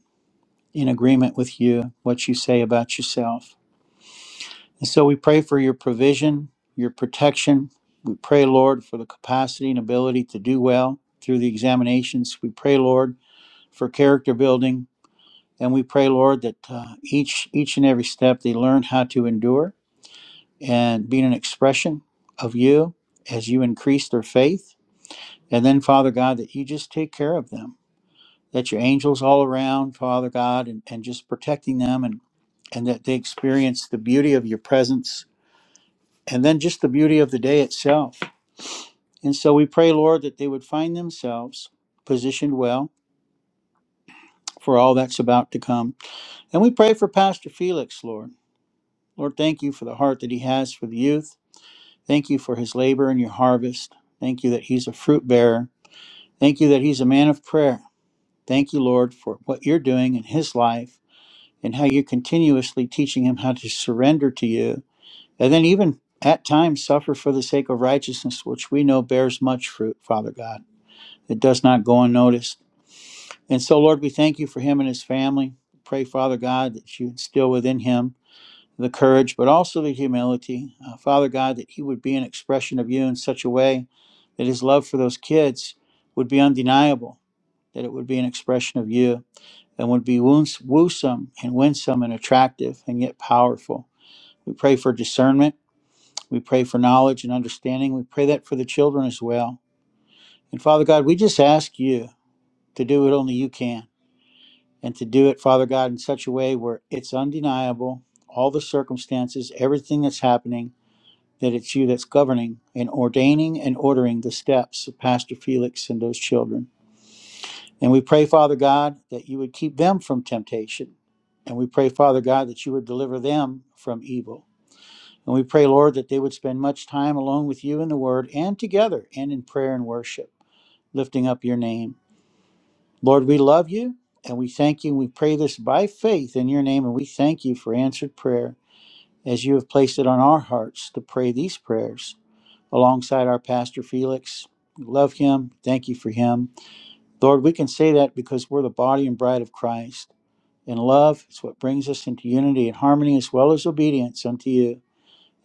[SPEAKER 5] in agreement with you, what you say about yourself. And so we pray for your provision, your protection. We pray, Lord, for the capacity and ability to do well through the examinations. We pray, Lord, for character building. And we pray, Lord, that uh, each each and every step they learn how to endure and being an expression of you as you increase their faith. And then, Father God, that you just take care of them, that your angels all around, Father God, and, and just protecting them and, and that they experience the beauty of your presence and then just the beauty of the day itself. And so we pray, Lord, that they would find themselves positioned well for all that's about to come. And we pray for Pastor Felix, Lord. Lord, thank you for the heart that he has for the youth. Thank you for his labor and your harvest. Thank you that he's a fruit bearer. Thank you that he's a man of prayer. Thank you, Lord, for what you're doing in his life and how you're continuously teaching him how to surrender to you and then even at times suffer for the sake of righteousness, which we know bears much fruit, Father God. It does not go unnoticed. And so, Lord, we thank you for him and his family. Pray, Father God, that you instill within him the courage, but also the humility. Uh, Father God, that he would be an expression of you in such a way that his love for those kids would be undeniable, that it would be an expression of you and would be woos- woosome and winsome and attractive and yet powerful. We pray for discernment. We pray for knowledge and understanding. We pray that for the children as well. And Father God, we just ask you to do what only you can and to do it, Father God, in such a way where it's undeniable, all the circumstances, everything that's happening that it's you that's governing and ordaining and ordering the steps of Pastor Felix and those children. And we pray, Father God, that you would keep them from temptation. And we pray, Father God, that you would deliver them from evil. And we pray, Lord, that they would spend much time alone with you in the Word and together and in prayer and worship, lifting up your name. Lord, we love you and we thank you. And we pray this by faith in your name. And we thank you for answered prayer as you have placed it on our hearts to pray these prayers. alongside our pastor Felix. We Love him. Thank you for him. Lord, we can say that because we're the body and bride of Christ. And love is what brings us into unity and harmony as well as obedience unto you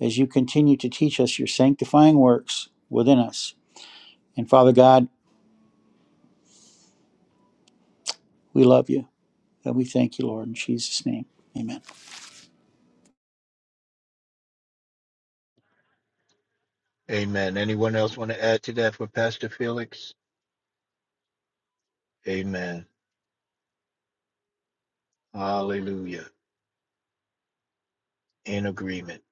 [SPEAKER 5] as you continue to teach us your sanctifying works within us. And Father God, we love you and we thank you, Lord, in Jesus' name. Amen.
[SPEAKER 1] Amen. Anyone
[SPEAKER 4] Amen.
[SPEAKER 1] else want to add to that for Pastor Felix? Amen. Hallelujah. In agreement.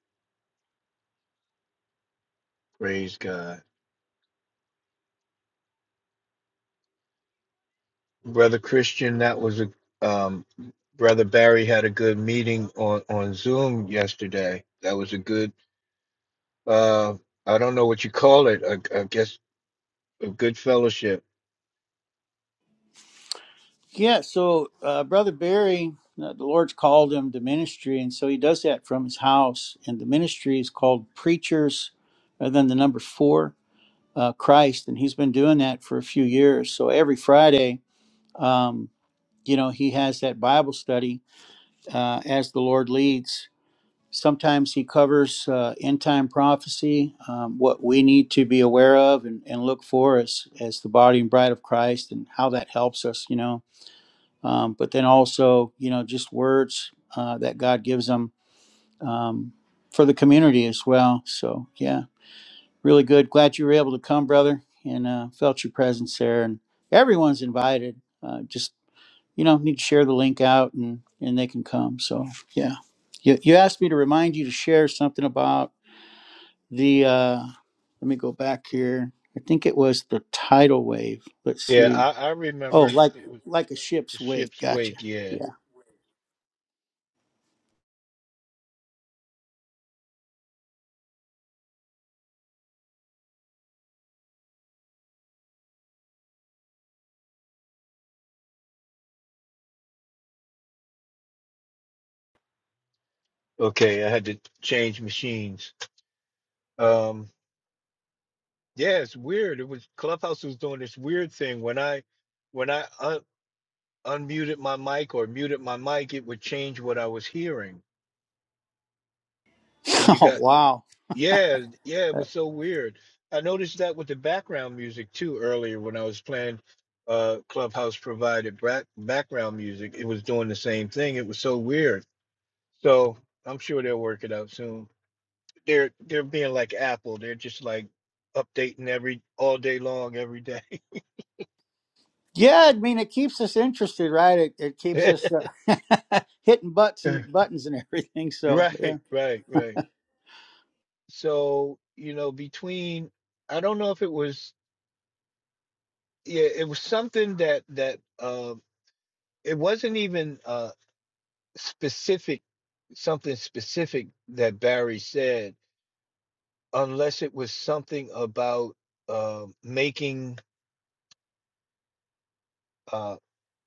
[SPEAKER 1] Praise God. Brother Christian, that was a um, Brother Barry had a good meeting on on Zoom yesterday. That was a good uh I don't know what you call it. I, I guess a good fellowship
[SPEAKER 5] Yeah, so uh, Brother Barry, uh, the Lord's called him to ministry, and so he does that from his house. And the ministry is called Preachers, and then the number four uh, Christ, and he's been doing that for a few years. So every Friday, um, you know, he has that Bible study uh, as the Lord leads. Sometimes he covers uh, end time prophecy, um, what we need to be aware of and, and look for as, as the body and bride of Christ, and how that helps us, you know. Um, but then also, you know, just words uh, that God gives them um, for the community as well. So, yeah. Really good. Glad you were able to come, brother, and uh, felt your presence there. And everyone's invited. Uh, just you know, need to share the link out, and and they can come. So yeah, you you asked me to remind you to share something about the. Uh, let me go back here. I think it was the tidal wave. Let's
[SPEAKER 6] Yeah,
[SPEAKER 5] see.
[SPEAKER 6] I, I
[SPEAKER 5] Oh,
[SPEAKER 6] remember
[SPEAKER 5] like
[SPEAKER 6] it was
[SPEAKER 5] like a
[SPEAKER 6] the
[SPEAKER 5] ship's wake.
[SPEAKER 6] ship's
[SPEAKER 5] Gotcha.
[SPEAKER 6] wake. Yeah.
[SPEAKER 5] Yeah. [LAUGHS]
[SPEAKER 6] Okay, I had to change machines. Um, yeah, it's weird. It was Clubhouse was doing this weird thing when I when I un unmuted my mic or muted my mic, it would change what I was hearing. Can you
[SPEAKER 5] Oh
[SPEAKER 6] got?
[SPEAKER 5] wow.
[SPEAKER 6] Yeah, yeah, it
[SPEAKER 5] Uh,
[SPEAKER 6] was so weird. I noticed that with the background music too earlier when I was playing uh Clubhouse provided back, background music. It was doing the same thing. It was so weird. So I'm sure they'll work it out soon. they're they're being like Apple. They're just like updating every all day long, every day.
[SPEAKER 5] Yeah, I mean it keeps us interested, right? It, it keeps us
[SPEAKER 6] [LAUGHS]
[SPEAKER 5] uh, [LAUGHS] hitting butts and buttons and everything. So yeah.
[SPEAKER 6] Right, right, right. So, you know, between I don't know if it was yeah, it was something that that uh it wasn't even uh specific something specific that Barry said unless it was something about uh making uh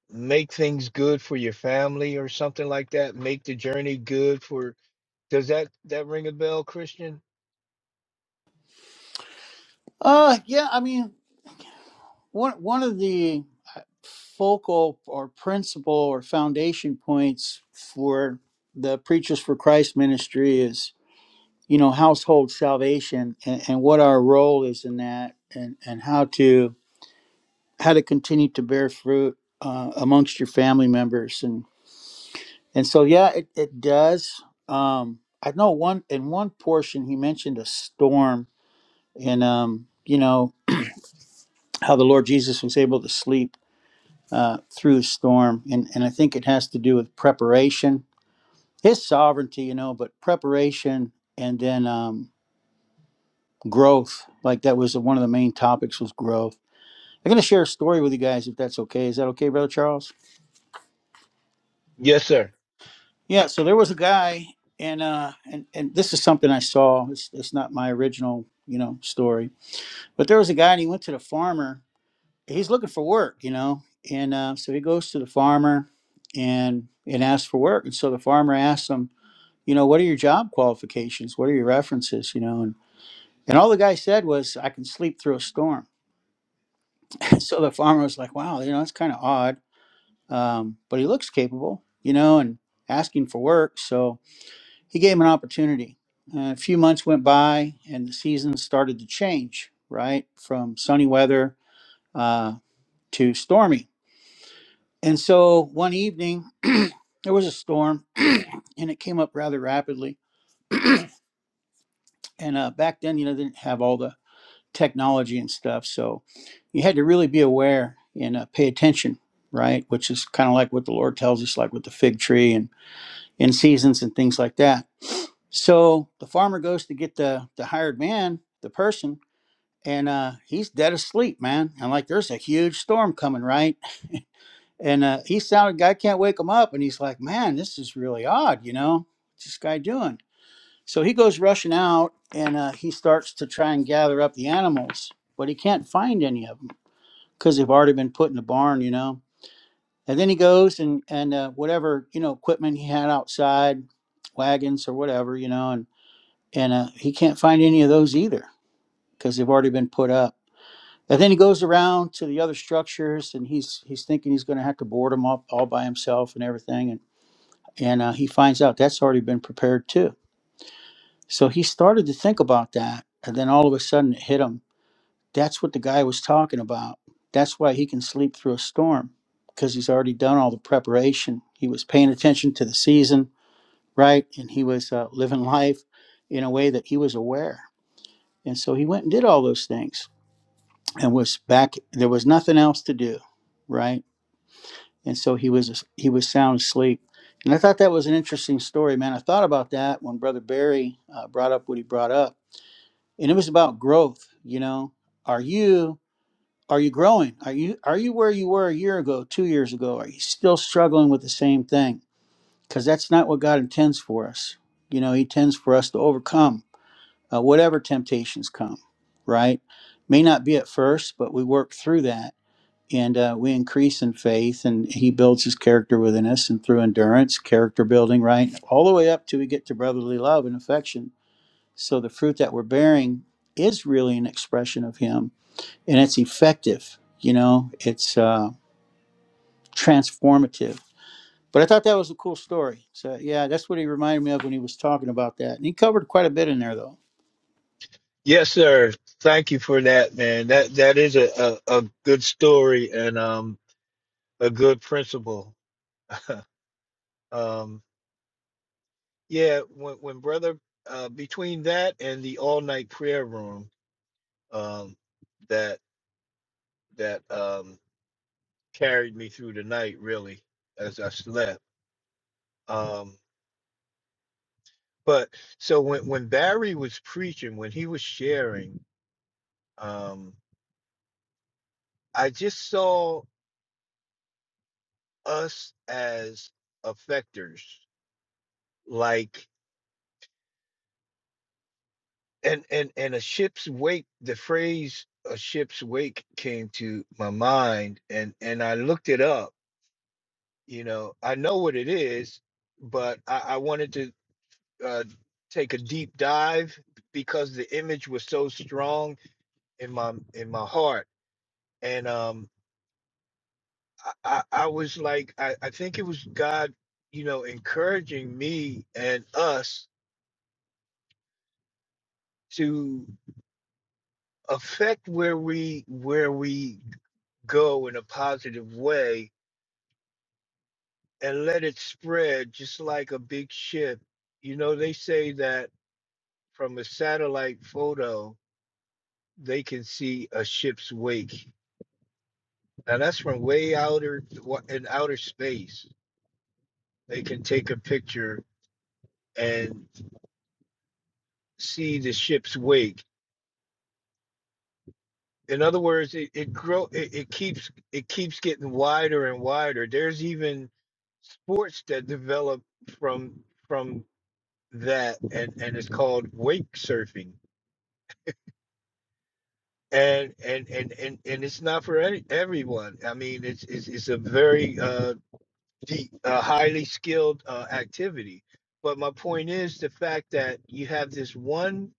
[SPEAKER 6] make things good for your family or something like that, make the journey good for Does that that ring a bell, Christian?
[SPEAKER 5] Uh, yeah, I mean, one one of the uh, focal or principal or foundation points for the Preachers for Christ ministry is, you know, household salvation and, and what our role is in that, and and how to how to continue to bear fruit uh, amongst your family members, and. And so, yeah, it, it does. Um, I know one in one portion he mentioned a storm, and um, you know how the Lord Jesus was able to sleep uh, through the storm, and and I think it has to do with preparation, His sovereignty, you know, but preparation and then um, growth. Like that was one of the main topics was growth. I'm going to share a story with you guys if that's okay. Is that okay, Brother Charles?
[SPEAKER 6] Yes, sir.
[SPEAKER 5] Yeah, so there was a guy, and uh, and and this is something I saw. It's it's not my original, you know, story, but there was a guy, and he went to the farmer. He's looking for work, you know, and uh, so he goes to the farmer, and and asks for work. And so the farmer asks him, you know, what are your job qualifications? What are your references? You know, and and all the guy said was, I can sleep through a storm. [LAUGHS] so the farmer was like, wow, you know, that's kind of odd, um, but he looks capable, you know, and asking for work, so. He gave him an opportunity. Uh, a few months went by, and the seasons started to change, right, from sunny weather uh, to stormy. And so one evening, [CLEARS THROAT] there was a storm, [CLEARS THROAT] and it came up rather rapidly. And uh, back then, you know, they didn't have all the technology and stuff, so you had to really be aware and uh, pay attention, right? Which is kind of like what the Lord tells us, like with the fig tree and in seasons and things like that. So the farmer goes to get the the hired man, the person, and uh, he's dead asleep, man. And like, there's a huge storm coming, right? And uh, he sounded, guy can't wake him up, and he's like, man, this is really odd, you know? What's this guy doing? So he goes rushing out, and uh, he starts to try and gather up the animals, but he can't find any of them because they've already been put in the barn, you know. And then he goes and and uh, whatever you know equipment he had outside, wagons or whatever, you know, and and uh, he can't find any of those either because they've already been put up. And then he goes around to the other structures, and he's he's thinking he's going to have to board them up all by himself and everything, and and uh, he finds out that's already been prepared too. So he started to think about that, and then all of a sudden it hit him. That's what the guy was talking about. That's why he can sleep through a storm because he's already done all the preparation. He was paying attention to the season, right, and he was uh, living life in a way that he was aware. And so he went and did all those things, and was back. There was nothing else to do, right? and so he was he was sound asleep. And I thought that was an interesting story, man. I thought about that when Brother Barry uh, brought up what he brought up, and it was about growth. You know, are you are you growing? Are you are you where you were a year ago, two years ago? Are you still struggling with the same thing? Because that's not what God intends for us. You know, He intends for us to overcome uh, whatever temptations come. Right? May not be at first, but we work through that and uh, we increase in faith and he builds his character within us and through endurance character building right all the way up till we get to brotherly love and affection so the fruit that we're bearing is really an expression of him and it's effective you know it's uh, transformative but i thought that was a cool story so yeah that's what he reminded me of when he was talking about that and he covered quite a bit in there though
[SPEAKER 6] Yes, sir. Thank you for that, man. That that is a a, a good story and um a good principle. [LAUGHS] um yeah, when when brother uh between that and the all night prayer room um that that um carried me through the night really as I slept. Um but so when when Barry was preaching, when he was sharing, um I just saw. us as affectors like and and and a ship's wake the phrase a ship's wake came to my mind and and i looked it up you know i know what it is but i, I wanted to uh, take a deep dive because the image was so strong in my in my heart and um i i, I was like I, I think it was god you know encouraging me and us affect where we where we go in a positive way and let it spread just like a big ship you know they say that from a satellite photo they can see a ship's wake now that's from way outer wa- in outer space they can take a picture and see the ship's wake In other words, it, it grow it, it keeps it keeps getting wider and wider. There's even sports that develop from from that and and it's called wake surfing. And and and and, and it's not for any, everyone. I mean, it's it's, it's a very uh, deep, uh highly skilled uh, activity. But my point is the fact that you have this one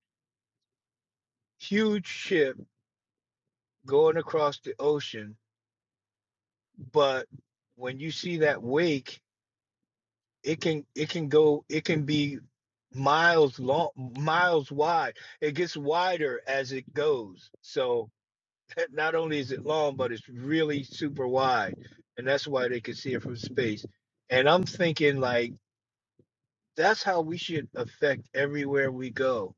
[SPEAKER 6] huge ship going across the ocean, but when you see that wake it can it can go it can be miles long miles wide it gets wider as it goes so [LAUGHS] not only is it long but it's really super wide and that's why they can see it from space and i'm thinking like that's how we should affect everywhere we go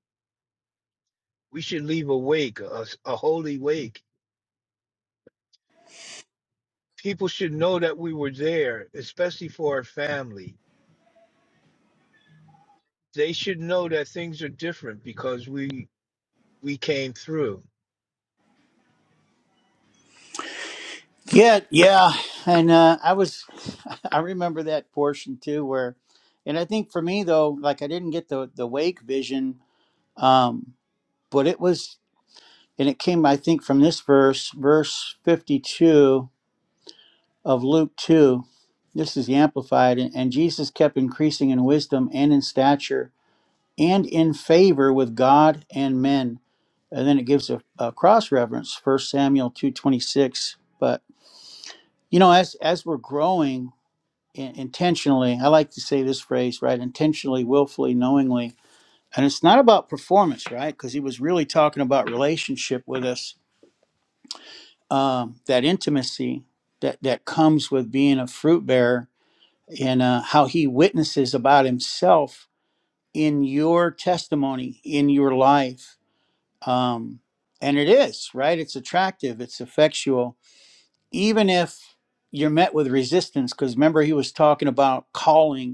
[SPEAKER 6] we should leave a wake a, s- a holy wake people should know that we were there especially for our family they should know that things are different because we we came through
[SPEAKER 5] Yeah, yeah, and uh, I was, [LAUGHS] I remember that portion too, where, and I think for me though, like I didn't get the the wake vision, um, but it was, and it came, I think, from this verse, verse fifty two of Luke two. This is the amplified, and, and Jesus kept increasing in wisdom and in stature and in favor with God and men. And then it gives a, a cross reference, First Samuel two twenty six. But you know, as as we're growing in- intentionally i like to say this phrase right intentionally willfully knowingly and it's not about performance right because he was really talking about relationship with us um, that intimacy that that comes with being a fruit bearer and uh, how he witnesses about himself in your testimony in your life um, and it is right it's attractive it's effectual even if you're met with resistance because remember he was talking about calling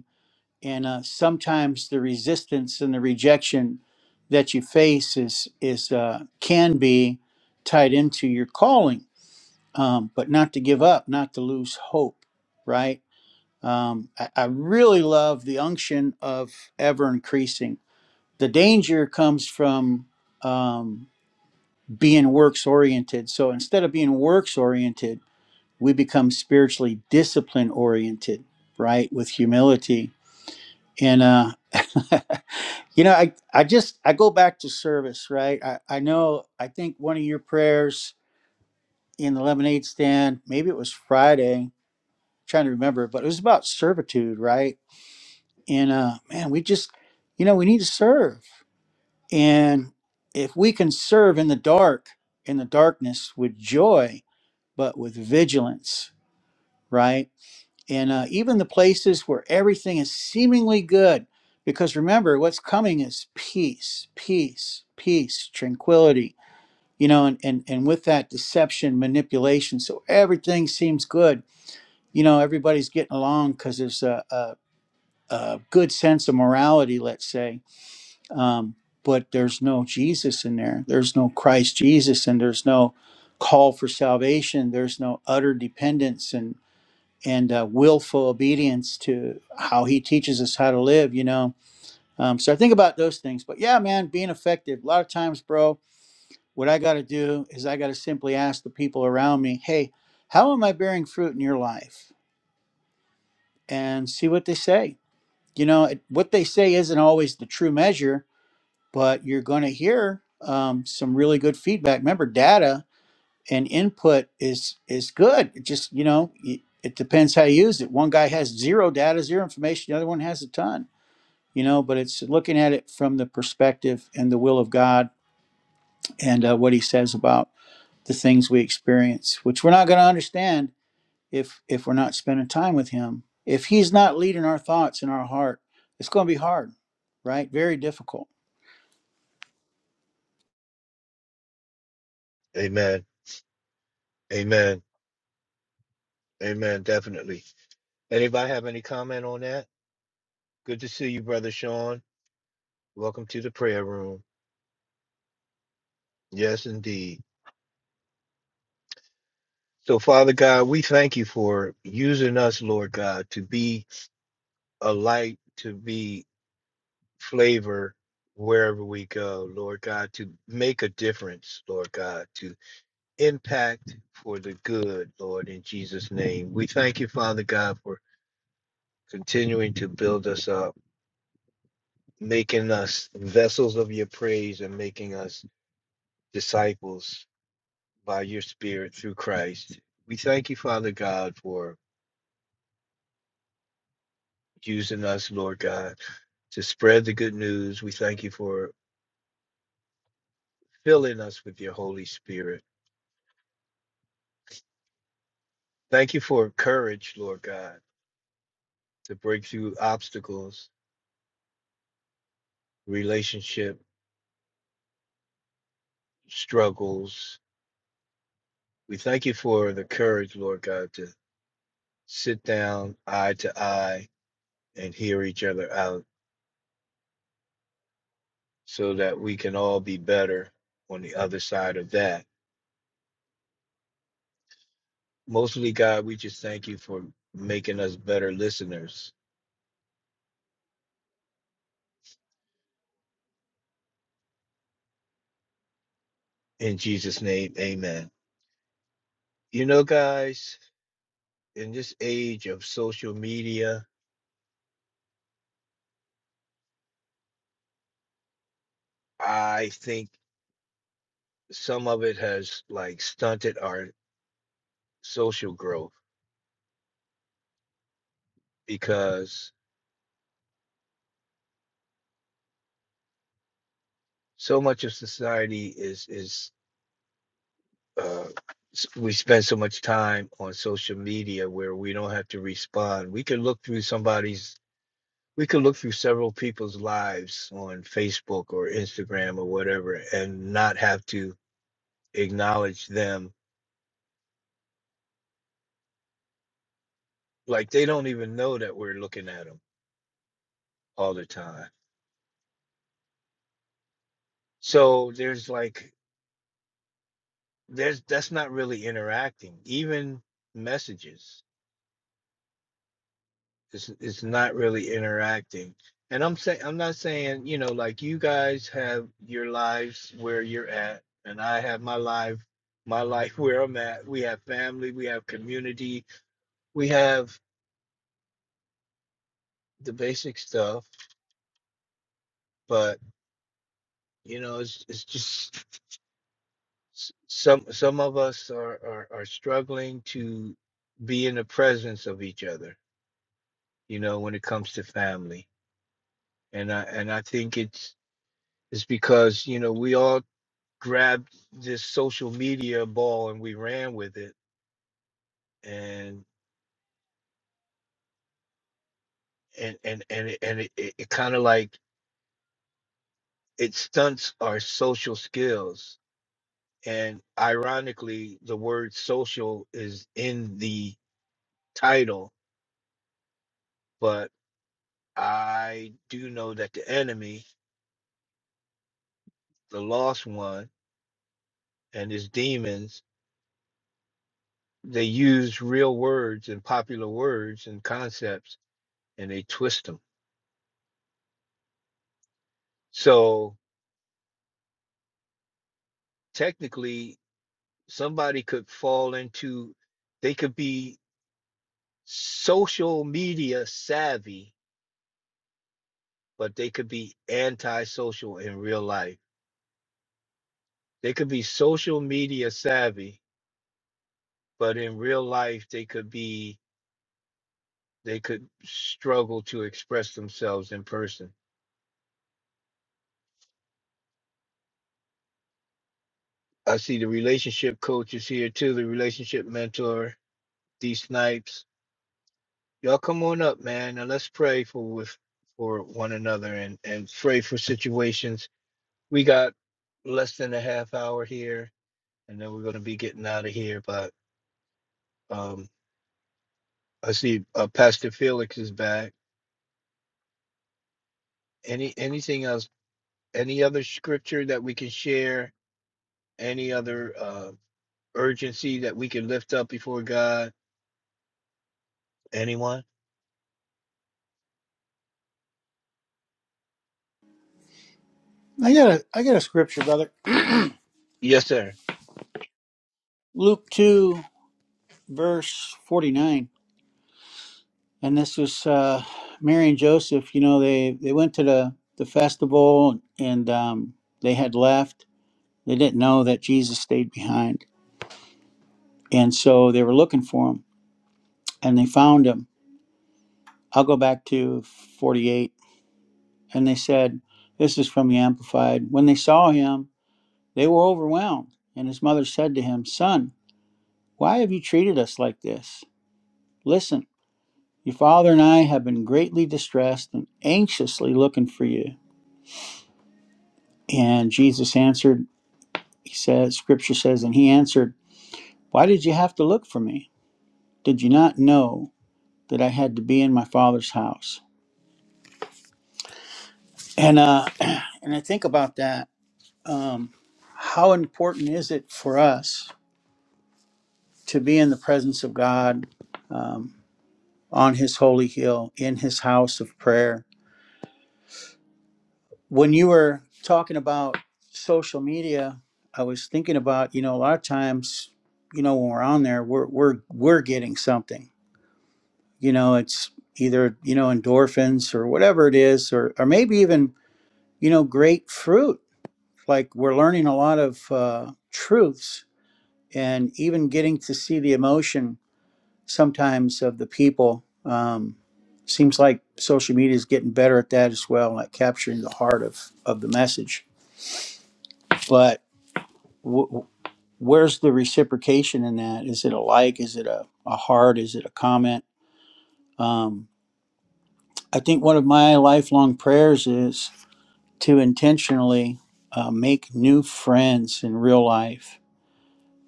[SPEAKER 5] and uh, sometimes the resistance and the rejection that you face is is uh, can be tied into your calling um, but not to give up not to lose hope right um, I, I really love the unction of ever increasing the danger comes from um, being works oriented so instead of being works oriented we become spiritually discipline oriented right with humility and uh [LAUGHS] You know, I, I just I go back to service, right? I, I know I think one of your prayers in the lemonade stand, maybe it was Friday, trying to remember, but it was about servitude, right? And uh man, we just you know, we need to serve. And if we can serve in the dark, in the darkness with joy, but with vigilance, right? and uh, even the places where everything is seemingly good. Because remember, what's coming is peace, peace, peace, tranquility, you know, and, and, and with that, deception, manipulation. So everything seems good. You know, everybody's getting along because there's a, a, a good sense of morality, let's say. Um, but there's no Jesus in there. There's no Christ Jesus, and there's no call for salvation. There's no utter dependence and and uh, willful obedience to how he teaches us how to live, you know. Um, so I think about those things. But yeah, man, being effective. A lot of times, bro, what I got to do is I got to simply ask the people around me, hey, how am I bearing fruit in your life? And see what they say. You know, it, what they say isn't always the true measure, but you're going to hear um, some really good feedback. Remember, data and input is is good. It just you know y- it depends how you use it. One guy has zero data, zero information. The other one has a ton. You know, but it's looking at it from the perspective and the will of God and uh, what He says about the things we experience, which we're not going to understand if if we're not spending time with Him. If He's not leading our thoughts in our heart, it's going to be hard, right? Very difficult.
[SPEAKER 6] amen Amen. Amen. Definitely. Anybody have any comment on that? Good to see you, Brother Sean. Welcome to the prayer room. Yes, indeed. So, Father God, we thank you for using us, Lord God, to be a light, to be flavor wherever we go, Lord God, to make a difference, Lord God, to impact for the good, Lord, in Jesus' name. We thank you, Father God, for continuing to build us up making us vessels of your praise and making us disciples by your spirit through Christ. We thank you, Father God, for using us, Lord God, to spread the good news. We thank you for filling us with your Holy Spirit. Thank you for courage, Lord God, to break through obstacles, relationship struggles. We thank you for the courage, Lord God, to sit down eye to eye and hear each other out so that we can all be better on the other side of that. Mostly, God, we just thank you for making us better listeners. In Jesus' name, amen. You know, guys, in this age of social media, I think some of it has like stunted our social growth because so much of society is is uh s- we spend so much time on social media where we don't have to respond. We can look through somebody's we could look through several people's lives on Facebook or Instagram or whatever and not have to acknowledge them. Like they don't even know that we're looking at them all the time. So there's like there's that's not really interacting. Even messages, it's it's not really interacting. And I'm saying I'm not saying you know like you guys have your lives where you're at, and I have my life my life where I'm at. We have family, we have community, we have the basic stuff, but you know, it's it's just s- some some of us are are, are struggling to be in the presence of each other. You know, when it comes to family, and I and I think it's it's because you know we all grabbed this social media ball and we ran with it, and and and and it, and it, it, it kind of like it stunts our social skills And ironically, the word social is in the title, but I do know that the enemy, the lost one, and his demons, they use real words and popular words and concepts and they twist them. So technically, somebody could fall into, they could be social media savvy, but they could be antisocial in real life. They could be social media savvy, but in real life they could be they could struggle to express themselves in person. I see the relationship coach is here too, the relationship mentor, D Snipes. Y'all come on up, man, and let's pray for with for one another and and pray for situations. We got less than a half hour here, and then we're gonna be getting out of here. But um, I see uh, Pastor Felix is back. Any anything else? Any other scripture that we can share? Any other? uh, urgency that we can lift up before God? Anyone?
[SPEAKER 5] I got a I got a scripture, brother.
[SPEAKER 6] Yes, sir.
[SPEAKER 5] Luke two verse forty nine. and this was uh, Mary and Joseph. You know, they they went to the the festival, and um, they had left. They didn't know that Jesus stayed behind, and so they were looking for him, and they found him. I'll go back to forty eight, and they said, "This is from the Amplified." When they saw him, they were overwhelmed, and his mother said to him, "Son, why have you treated us like this? Listen." Your father and I have been greatly distressed and anxiously looking for you. And Jesus answered, He says, Scripture says, and he answered, Why did you have to look for me? Did you not know that I had to be in my father's house? And uh, [CLEARS THROAT] and I think about that. Um, how important is it for us to be in the presence of God um, on His holy hill, in His house of prayer? When you were talking about social media, I was thinking about you know a lot of times you know when we're on there, we're we're we're getting something you know it's either you know endorphins or whatever it is or or maybe even you know grapefruit. like we're learning a lot of uh, truths and even getting to see the emotion sometimes of the people um, seems like social media is getting better at that as well like capturing the heart of of the message but w- w- where's the reciprocation in that is it a like is it a, a heart is it a comment um, i think one of my lifelong prayers is to intentionally uh, make new friends in real life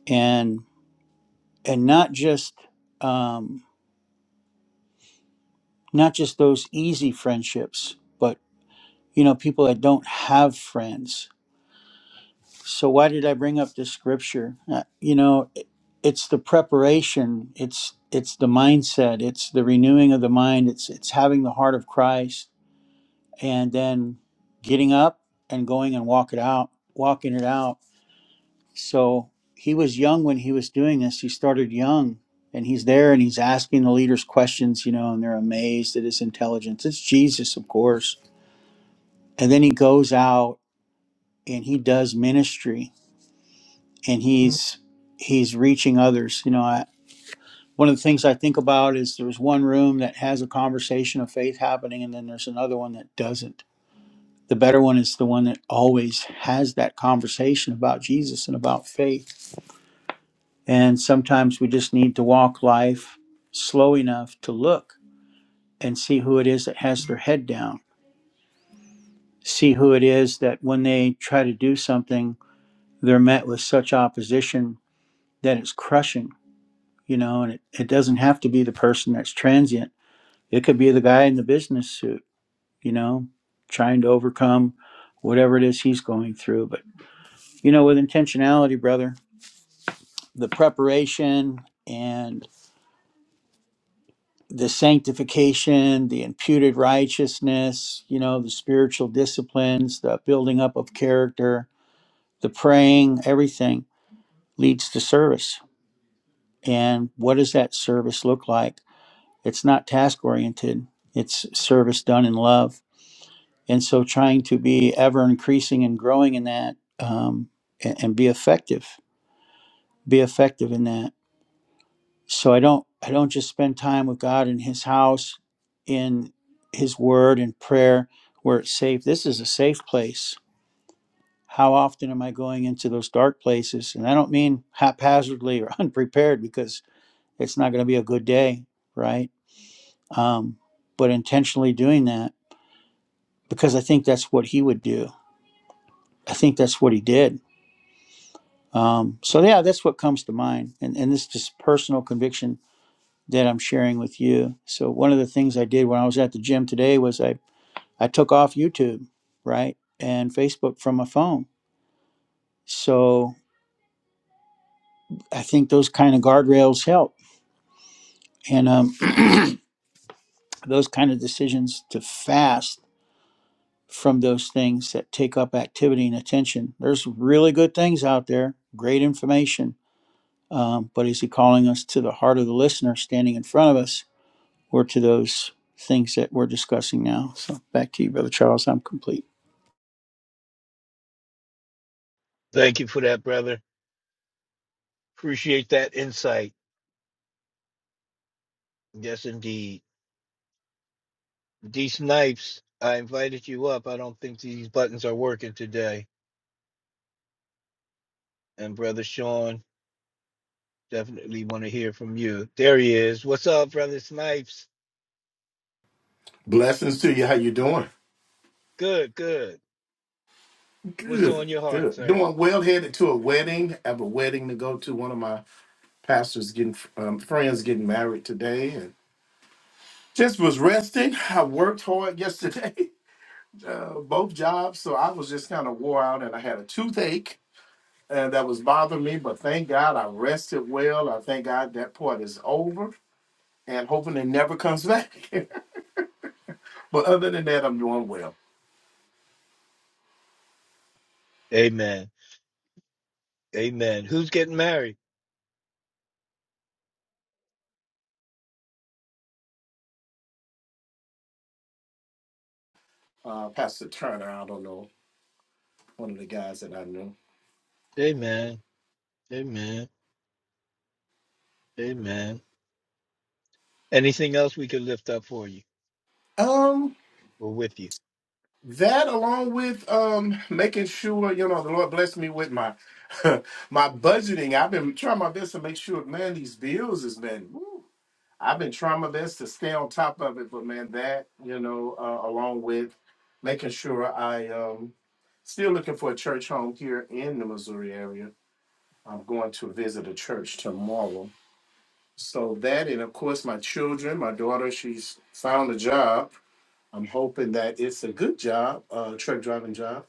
[SPEAKER 5] and and not just um, not just those easy friendships but you know people that don't have friends so why did i bring up this scripture uh, you know it, it's the preparation it's it's the mindset it's the renewing of the mind it's it's having the heart of christ and then getting up and going and walk it out walking it out So he was young when he was doing this. He started young and he's there and he's asking the leaders questions, you know, and they're amazed at his intelligence. It's Jesus, of course. And then he goes out and he does ministry and he's he's reaching others. You know, I, one of the things I think about is there's one room that has a conversation of faith happening and then there's another one that doesn't. The better one is the one that always has that conversation about Jesus and about faith And sometimes we just need to walk life slow enough to look and see who it is that has their head down. See who it is that when they try to do something, they're met with such opposition that it's crushing, you know, and it, it doesn't have to be the person that's transient. It could be the guy in the business suit, you know, trying to overcome whatever it is he's going through. But, you know, with intentionality, brother, the preparation and the sanctification, the imputed righteousness, you know, the spiritual disciplines, the building up of character, the praying, everything leads to service. And what does that service look like? It's not task oriented, it's service done in love. And so trying to be ever increasing and growing in that um, and, and be effective, be effective in that. so i don't i don't just spend time with god in his house in his word and prayer where it's safe this is a safe place how often am i going into those dark places and i don't mean haphazardly or [LAUGHS] unprepared because it's not going to be a good day right um, but intentionally doing that because i think that's what he would do i think that's what he did um, so yeah that's what comes to mind and, and this just personal conviction that I'm sharing with you. So one of the things I did when I was at the gym today was I I took off YouTube, right, and Facebook from my phone. So I think those kind of guardrails help, and um, [CLEARS THROAT] those kind of decisions to fast from those things that take up activity and attention. There's really good things out there, great information, um, but is he calling us to the heart of the listener standing in front of us, or to those things that we're discussing now? So back to you, brother Charles. I'm complete.
[SPEAKER 6] Thank you for that, brother. Appreciate that insight. Yes, indeed. D Snipes, I invited you up. I don't think these buttons are working today. And brother Sean, definitely want to hear from you. There he is. What's up, brother Snipes?
[SPEAKER 7] Blessings to you. How you doing?
[SPEAKER 6] Good, good. What's
[SPEAKER 7] Good,
[SPEAKER 6] on your heart,
[SPEAKER 7] good.
[SPEAKER 6] sir?
[SPEAKER 7] Doing well. Headed to a wedding. I have a wedding to go to. One of my pastors getting um, friends getting married today, and just was resting. I worked hard yesterday, [LAUGHS] uh, both jobs, so I was just kind of wore out, and I had a toothache, and that was bothering me. But thank God I rested well. I thank God that part is over, and hoping it never comes back. [LAUGHS] but other than that, I'm doing well.
[SPEAKER 6] Amen. Amen. Who's getting married?
[SPEAKER 7] Uh, Pastor Turner, I don't know, one of the guys that I knew.
[SPEAKER 6] Amen. Amen. Amen. Anything else we could lift up for you
[SPEAKER 7] Um.
[SPEAKER 6] or with you?
[SPEAKER 7] That along with um making sure, you know, the Lord blessed me with my [LAUGHS] my budgeting. I've been trying my best to make sure, man, these bills has been woo. I've been trying my best to stay on top of it, but man, that, you know, uh, along with making sure I um still looking for a church home here in the Missouri area. I'm going to visit a church tomorrow. So that and of course my children, my daughter, she's found a job. I'm hoping that it's a good job, uh truck driving job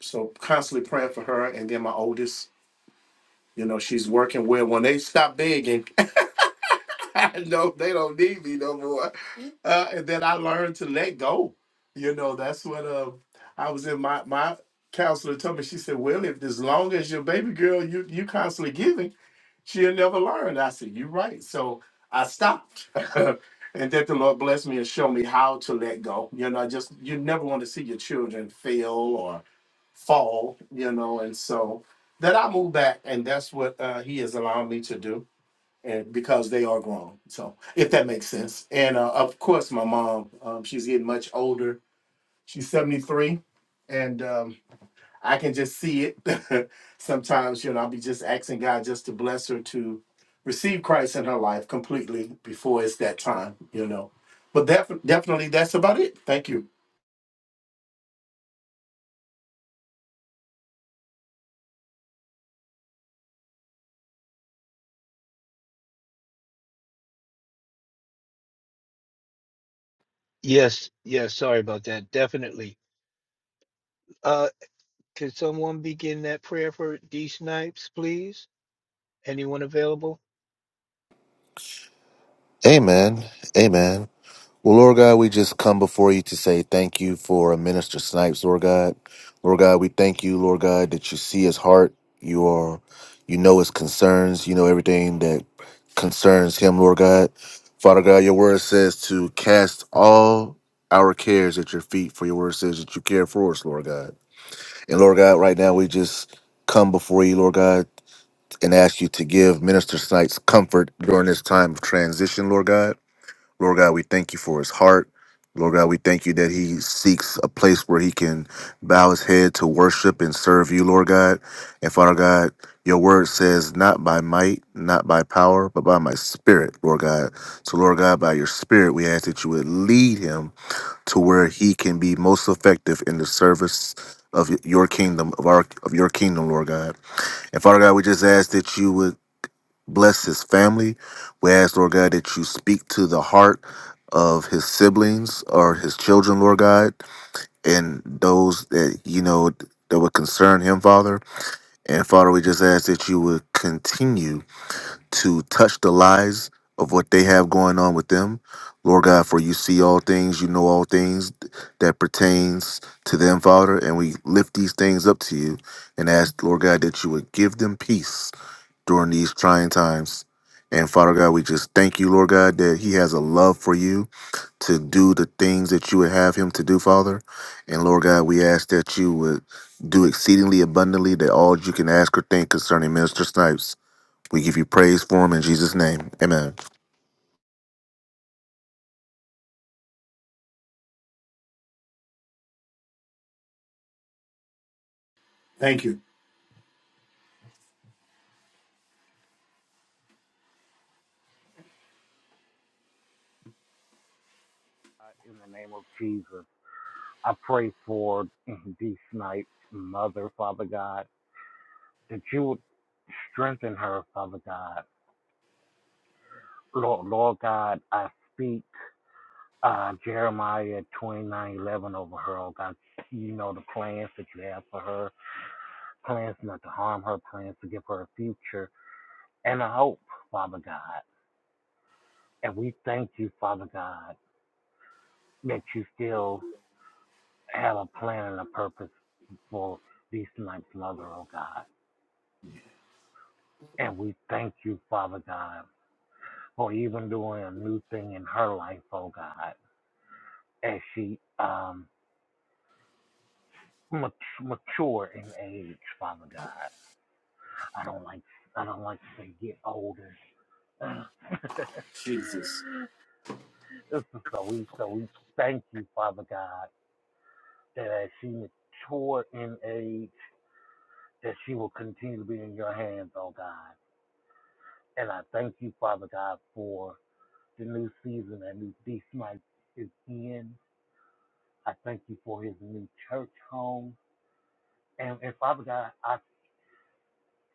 [SPEAKER 7] so constantly praying for her. And then my oldest, you know, she's working where when they stop begging, [LAUGHS] I know they don't need me no more. Uh, and then I learned to let go. You know, that's what uh, I was in my my counselor told me. She said, "Well, if as long as your baby girl you you constantly giving, she'll never learn." I said, "You're right." So I stopped. [LAUGHS] And that the Lord blessed me and showed me how to let go. You know, I just you never want to see your children fail fall, you know, and so that I moved back, and that's what uh, he has allowed me to do, and because they are grown, so if that makes sense. And uh, of course, my mom, um, she's getting much older. She's seventy three, and um, I can just see it. [LAUGHS] Sometimes, you know, I'll be just asking God just to bless her to receive Christ in her life completely before it's that time, you know. But def- definitely, that's about it. Thank you.
[SPEAKER 6] Yes, yes, sorry about that. Definitely. Uh, could someone begin that prayer for D Snipes, please? Anyone available?
[SPEAKER 2] Amen. Amen. Well, Lord God, we just come before you to say thank you for Minister Snipes, Lord God. Lord God, we thank you, Lord God, that you see his heart. You are, you know his concerns. You know everything that concerns him, Lord God. Father God, your word says to cast all our cares at your feet, for your word says that you care for us, Lord God. And Lord God, right now we just come before you, Lord God, and ask you to give Minister Snipes comfort during this time of transition, Lord God. Lord God, we thank you for his heart. Lord God, we thank you that he seeks a place where he can bow his head to worship and serve you, Lord God. And Father God, your word says, not by might, not by power, but by my spirit, Lord God. So, Lord God, by your spirit, we ask that you would lead him to where he can be most effective in the service of your kingdom, of our of your kingdom, Lord God. And Father God, we just ask that you would Bless his family. We ask, Lord God, that you speak to the heart of his siblings or his children, Lord God, and those that, you know, that would concern him, Father. And Father, we just ask that you would continue to touch the lives of what they have going on with them. Lord God, for you see all things, you know all things that pertains to them, Father, and we lift these things up to you and ask, Lord God, that you would give them peace during these trying times. And Father God, we just thank you, Lord God, that He has a love for you to do the things that you would have Him to do, Father. And Lord God, we ask that you would do exceedingly abundantly that all you can ask or think concerning Minister Snipes. We give you praise for him in Jesus' name. Amen.
[SPEAKER 7] Thank you.
[SPEAKER 8] in the name of Jesus, I pray for D. Snipes' mother, Father God, that you would strengthen her, Father God. Lord, Lord God, I speak uh, Jeremiah twenty nine eleven over her, oh God. You know the plans that you have for her, plans not to harm her, plans to give her a future and a hope, Father God. And we thank you, Father God, that you still have a plan and a purpose for these Snipes' mother, oh God. And we thank you, Father God, for even doing a new thing in her life, oh God, as she um mature in age, Father God. I don't like I don't like to say get older. [LAUGHS]
[SPEAKER 7] Jesus.
[SPEAKER 8] This is so we so we thank you, Father God, that as she mature in age, that she will continue to be in your hands, oh God. And I thank you, Father God, for the new season that new Beast might is in. I thank you for his new church home. And, and Father God, I,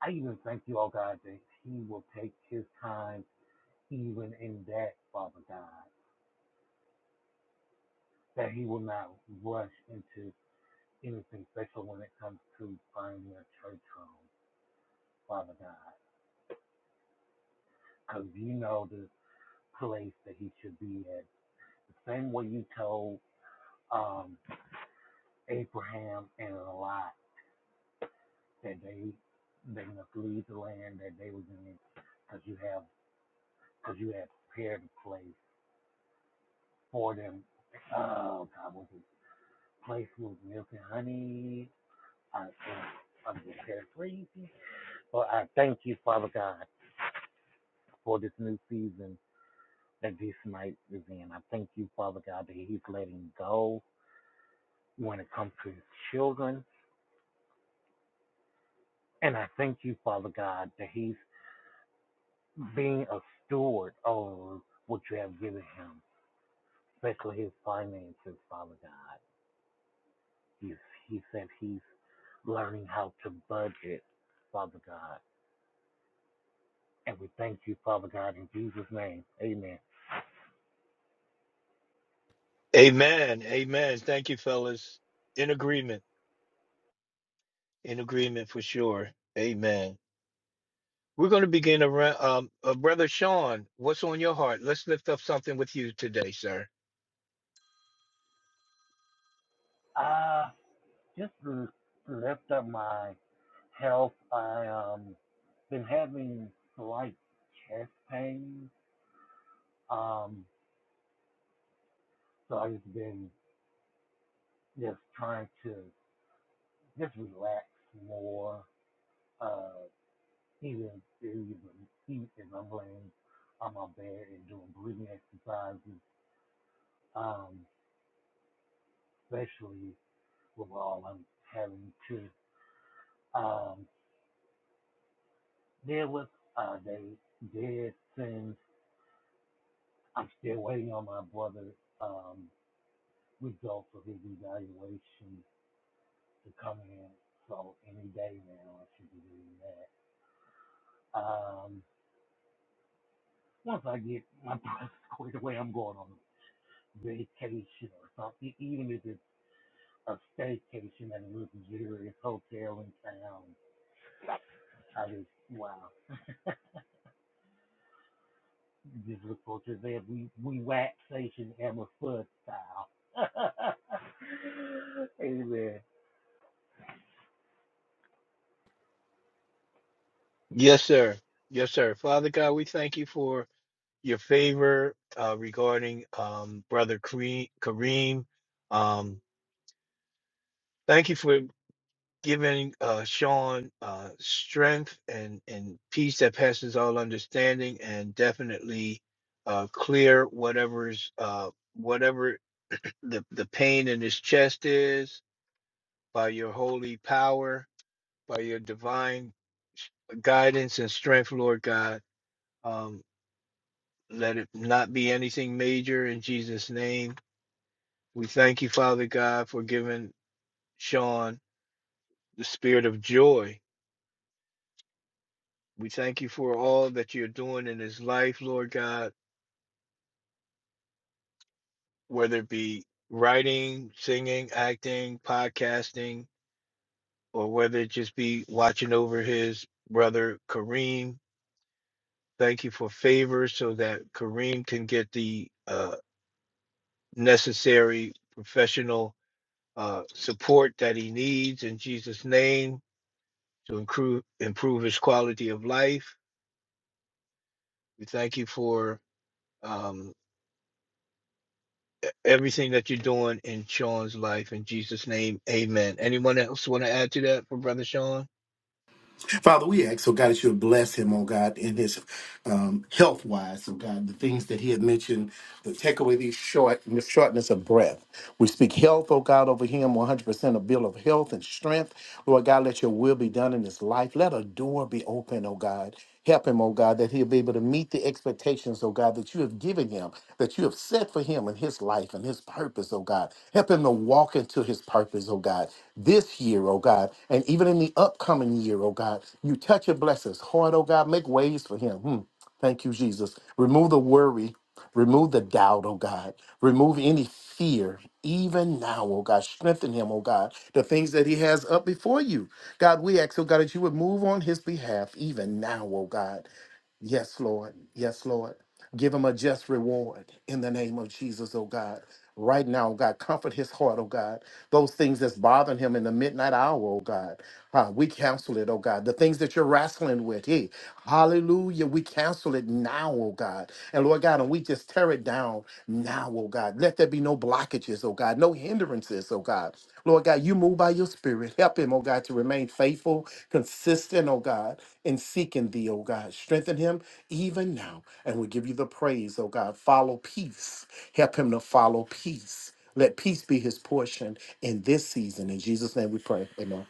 [SPEAKER 8] I even thank you, oh God, that he will take his time even in that, Father God, that he will not rush into anything special when it comes to finding a church home, Father God, because you know the place that he should be at. The same way you told um, Abraham and Lot that they they must leave the land that they were in, because you have because you had prepared a place for them. Oh God, was it place with milk and honey? I am i prepared crazy. But I thank you, Father God, for this new season that this night is in. I thank you, Father God, that He's letting go when it comes to His children. And I thank you, Father God, that He's being a steward over what you have given him, especially his finances, Father God. He he said he's learning how to budget, Father God. And we thank you, Father God, in Jesus' name. Amen.
[SPEAKER 6] Amen. Amen. Thank you, fellas. In agreement. In agreement for sure. Amen. We're going to begin around. Um, uh, Brother Sean, what's on your heart? Let's lift up something with you today, sir.
[SPEAKER 8] I just l- lift up my health. I um been having slight chest pain. Um, so I've just been just trying to just relax more. Uh, even even eat and I'm laying on my bed and doing breathing exercises. Um, especially Well, I'm having to um, deal with. Uh, they did send. I'm still waiting on my brother's um, results of his evaluation to come in. So any day now, I should be doing that. Um, once I get my [LAUGHS] brother squared away, I'm going on vacation or something. Even if it's a staycation at a luxurious hotel in town, I just wow. You Just look what you said. We we wax Emma Fudd style. [LAUGHS] Amen.
[SPEAKER 6] Yes, sir. Yes, sir. Father God, we thank you for your favor uh, regarding um, Brother Kare- Kareem. Um, Thank you for giving uh, Sean uh, strength and, and peace that passes all understanding, and definitely uh, clear whatever's uh, whatever the, the pain in his chest is by your holy power, by your divine guidance and strength, Lord God. Um, let it not be anything major in Jesus' name. We thank you, Father God, for giving Sean the spirit of joy We thank you for all that you're doing in his life, Lord God, whether it be writing, singing, acting, podcasting, or whether it just be watching over his brother Kareem. Thank you for favor so that Kareem can get the uh, necessary professional uh, support that he needs in Jesus' name to improve, improve his quality of life. We thank you for. um, everything that you're doing in Sean's life. In Jesus' name, amen. Anyone else want to add to that for Brother Sean?
[SPEAKER 7] Father, we ask, oh God, that you would bless him, oh God, in his um, health wise, oh God, the things that he had mentioned, the take away these short, the shortness of breath. We speak health, oh God, over him, 100% a bill of health and strength. Lord God, let your will be done in his life. Let a door be open, oh God. Help him, oh God, that he'll be able to meet the expectations, oh God, that you have given him, that you have set for him in his life and his purpose, oh God. Help him to walk into his purpose, oh God, this year, oh God, and even in the upcoming year, oh God. You touch and bless his heart, oh God. Make ways for him. Hmm. Thank you, Jesus. Remove the worry. Remove the doubt, oh God. Remove any fear, even now, oh God. Strengthen him, oh God. The things that he has up before you. God, we ask, oh God, that you would move on his behalf, even now, oh God. Yes, Lord. Yes, Lord. Give him a just reward in the name of Jesus, oh God. Right now, oh God, comfort his heart, oh God. Those things that's bothering him in the midnight hour, oh God. Uh, we cancel it, oh God. The things that you're wrestling with, hey, hallelujah. We cancel it now, oh God. And Lord God, and we just Tear it down now, oh God. Let there be no blockages, oh God, no hindrances, oh God. Lord God, you move by your spirit. Help him, oh God, to remain faithful, consistent, oh God, in seeking thee, oh God. Strengthen him even now. And we give you the praise, oh God. Follow peace. Help him to follow peace. Let peace be his portion in this season. In Jesus' name we pray. Amen.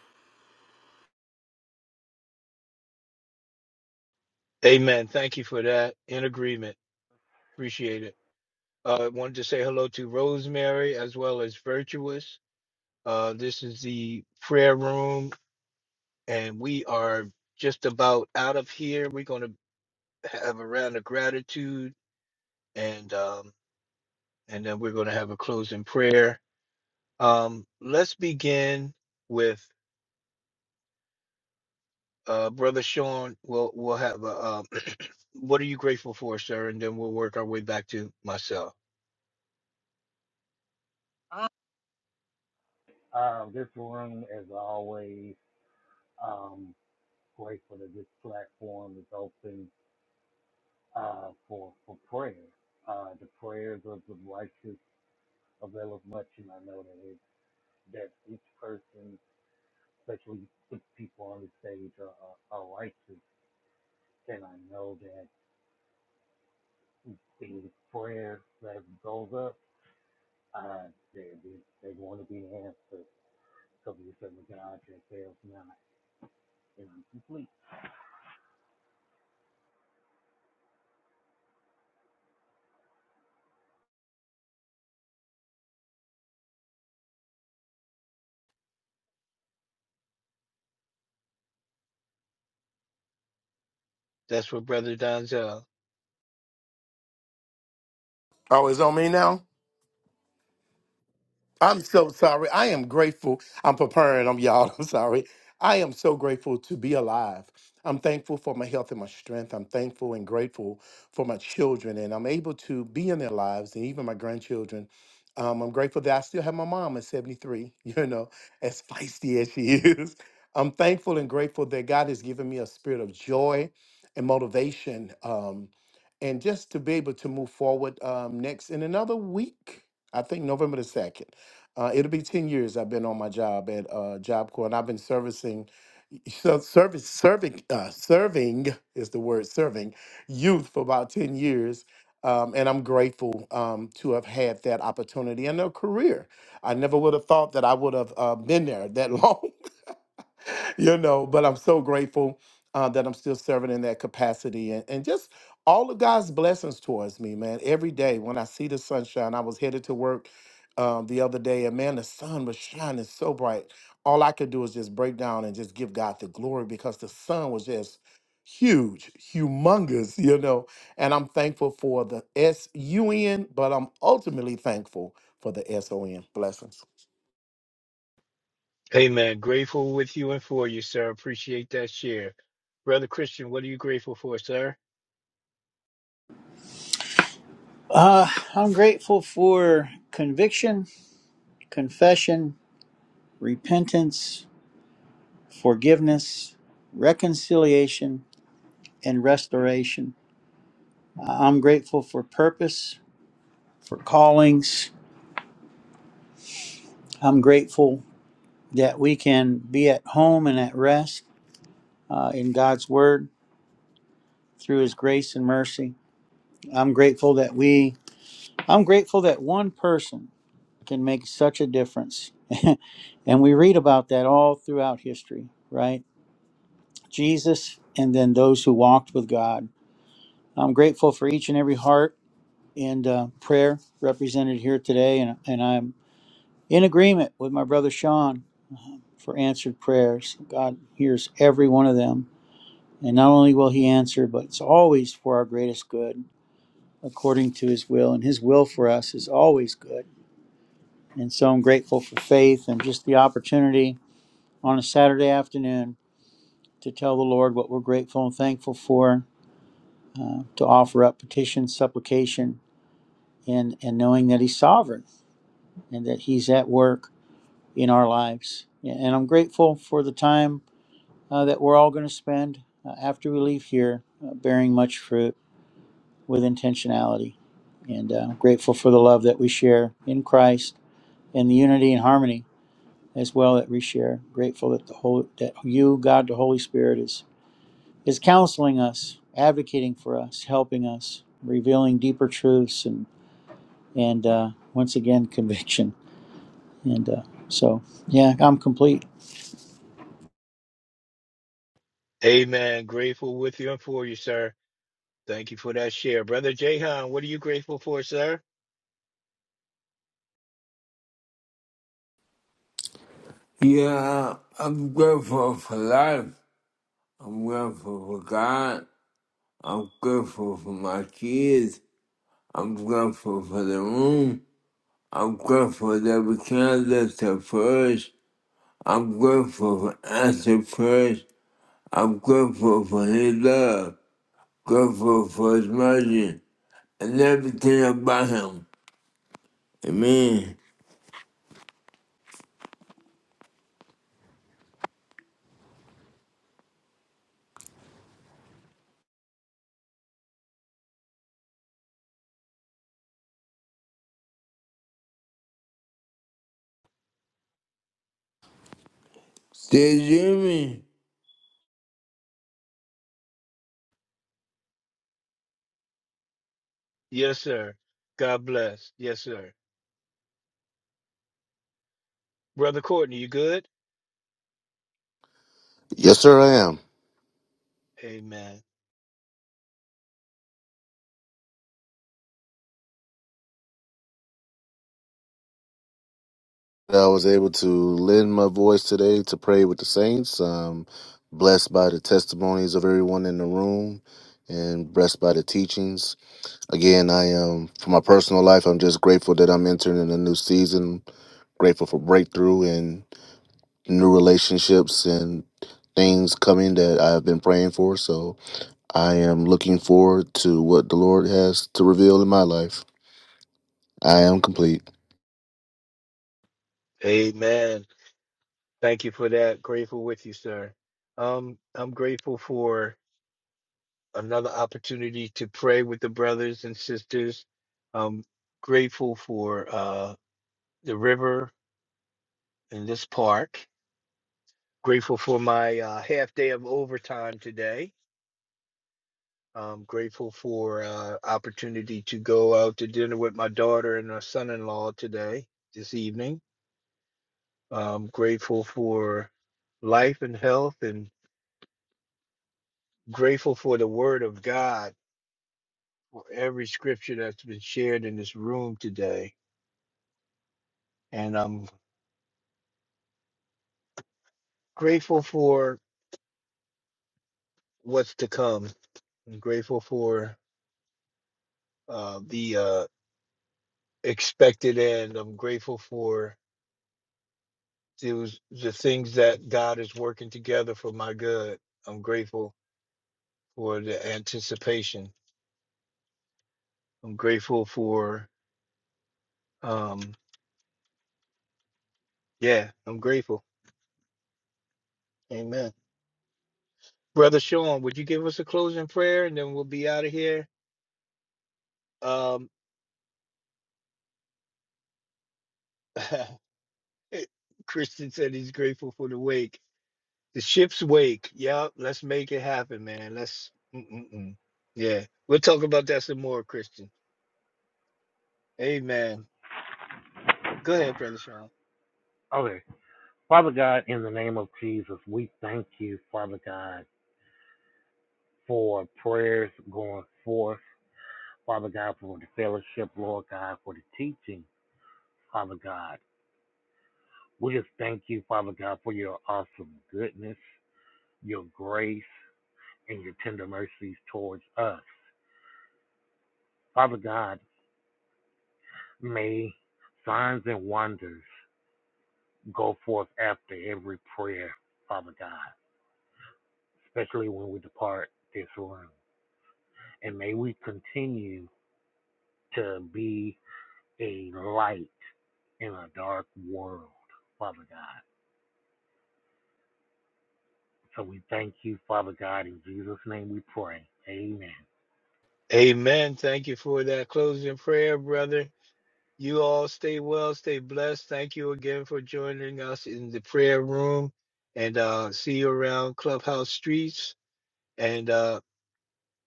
[SPEAKER 6] Amen. Thank you for that. In agreement. Appreciate it. Uh, wanted to say hello to Rosemary as well as Virtuous. Uh, this is the prayer room, and we are just about out of here. We're going to have a round of gratitude, and um, and then we're going to have a closing prayer. Um, let's begin with. Uh, Brother Sean, we'll we'll have a. Uh, [CLEARS THROAT] what are you grateful for, sir? And then we'll work our way back to myself.
[SPEAKER 8] Ah, Um, this room, as always, um, grateful that this platform is open uh, for for prayer. Uh, the prayers of the righteous availeth much, and I know that it, that each person, especially the people on the stage, are, are, are righteous, and I know that the prayer that goes up. uh, they they they want to be answered because you said with God it fails, not incomplete.
[SPEAKER 6] That's what Brother Donzel.
[SPEAKER 7] Oh, it's on me now? I'm so sorry. I am grateful. I'm preparing them, y'all. [LAUGHS] I'm sorry. I am so grateful to be alive. I'm thankful for my health and my strength. I'm thankful and grateful for my children, and I'm able to be in their lives and even my grandchildren. Um, I'm grateful that I still have my mom at 73, [LAUGHS] you know, as feisty as she [LAUGHS] is. I'm thankful and grateful that God has given me a spirit of joy and motivation um, and just to be able to move forward um, next in another week. I think November the 2nd. Uh, it'll be 10 years I've been on my job at uh, Job Corps, and I've been servicing, [LAUGHS] so service, serving, uh, serving is the word, serving youth for about 10 years. Um, and I'm grateful um, to have had that opportunity and a career. I never would have thought that I would have uh, been there that long. [LAUGHS] [LAUGHS] you know, but I'm so grateful uh, that I'm still serving in that capacity and, and just all of God's blessings towards me, man. Every day when I see the sunshine, I was headed to work um, the other day and man, the sun was shining so bright. All I could do is just break down and just give God the glory because the sun was just huge, humongous, [LAUGHS] you know. And I'm thankful for the S U N, but I'm ultimately thankful for the S O N blessings.
[SPEAKER 6] Amen. Grateful with you and for you, sir. Appreciate that share. Brother Christian, what are you grateful for, sir?
[SPEAKER 5] Uh, I'm grateful for conviction, confession, repentance, forgiveness, reconciliation, and restoration. I'm grateful for purpose, for callings. I'm grateful that we can be at home and at rest uh, in God's Word through His grace and mercy. I'm grateful that we, I'm grateful that one person can make such a difference. [LAUGHS] and we read about that all throughout history, right? Jesus, and then those who walked with God. I'm grateful for each and every heart and uh, prayer represented here today, and, and I'm in agreement with my brother Sean for answered prayers. God hears every one of them, and not only will He answer, but it's always for our greatest good according to His will, and His will for us is always good. And so I'm grateful for faith and just the opportunity on a Saturday afternoon to tell the Lord what we're grateful and thankful for uh, to offer up petition, supplication, and, and knowing that He's sovereign and that He's at work in our lives. And I'm grateful for the time uh, that we're all going to spend uh, after we leave here uh, bearing much fruit with intentionality. And uh, I'm grateful for the love that we share in Christ and the unity and harmony as well that we share. Grateful that the Holy that you, God, the Holy Spirit, is is counseling us, advocating for us, helping us, revealing deeper truths and. and uh, once again [LAUGHS] conviction. And uh, so, yeah, I'm complete.
[SPEAKER 6] Amen. Grateful with you and for you, sir. Thank you for that share. Brother Jehan. what are you grateful for, sir?
[SPEAKER 3] Yeah, I'm grateful for life. I'm grateful for God. I'm grateful for my kids. I'm grateful for the room. I'm grateful that we can lift up prayers. I'm grateful for answered prayers. I'm grateful for His love. Grateful for His mercy and everything about Him. Amen. Did you hear me?
[SPEAKER 6] Yes, sir. God bless. Yes, sir. Brother Courtney, you good?
[SPEAKER 2] Yes, sir, I am.
[SPEAKER 6] Amen.
[SPEAKER 2] I was able to lend my voice today to pray with the saints. Um, blessed by the testimonies of everyone in the room and blessed by the teachings. Again, I am for my personal life. I'm just grateful that I'm entering in a new season. Grateful for breakthrough and new relationships and things coming that I've been praying for. So I am looking forward to what the Lord has to reveal in my life. I am complete.
[SPEAKER 6] Amen. Thank you for that. Grateful with you, sir. Um, I'm grateful for another opportunity to pray with the brothers and sisters. I'm grateful for uh, the river in this park. Grateful for my uh, half day of overtime today. I'm grateful for uh, opportunity to go out to dinner with my daughter and her son-in-law today, this evening. I'm grateful for life and health and grateful for the word of God for every scripture that's been shared in this room today. And I'm grateful for what's to come. I'm grateful for uh, the uh, expected end. I'm grateful for those, the things that God is working together for my good. I'm grateful for the anticipation. I'm grateful for, um, yeah, I'm grateful. Amen. Brother Sean, would you give us a closing prayer and then we'll be out of here? Um, [LAUGHS] Eh, Christian said he's grateful for the wake. The ship's wake. Yep, let's make it happen, man. Let's. Mm-mm-mm. Yeah, we'll talk about that some more, Christian. Amen. Go ahead, Brother Sean.
[SPEAKER 8] Okay, Father God, in the name of Jesus, we thank you, Father God, for prayers going forth. Father God, for the fellowship, Lord God, for the teaching, Father God. We just thank you, Father God, for your awesome goodness, your grace, and your tender mercies towards us. Father God, may signs and wonders Go forth after every prayer, Father God, especially when we depart this room. And may we continue to be a light in a dark world, Father God. So we thank you, Father God. In Jesus' name we pray. Amen.
[SPEAKER 6] Amen. Thank you for that closing prayer, brother. You all stay well, stay blessed. Thank you again for joining us in the prayer room and uh, see you around Clubhouse Streets. And uh,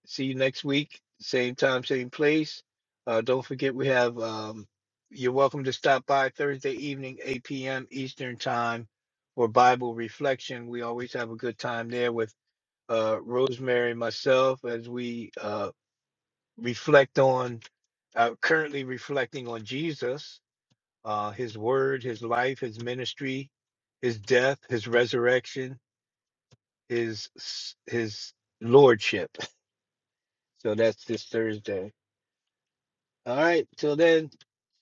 [SPEAKER 6] see you next week, same time, same place. Uh, don't forget we have um, you're welcome to stop by Thursday evening, 8 p.m. Eastern time for Bible reflection. We always have a good time there with uh, Rosemary and myself as we uh, reflect on uh, currently reflecting on Jesus, uh, his word, his life, his ministry, his death, his resurrection, his his lordship. So that's this Thursday. All right. Till then,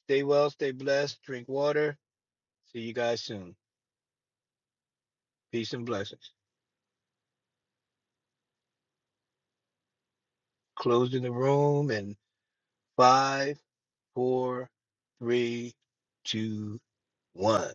[SPEAKER 6] stay well, stay blessed, drink water. See you guys soon. Peace and blessings. Closing the room in five, four, three, two, one.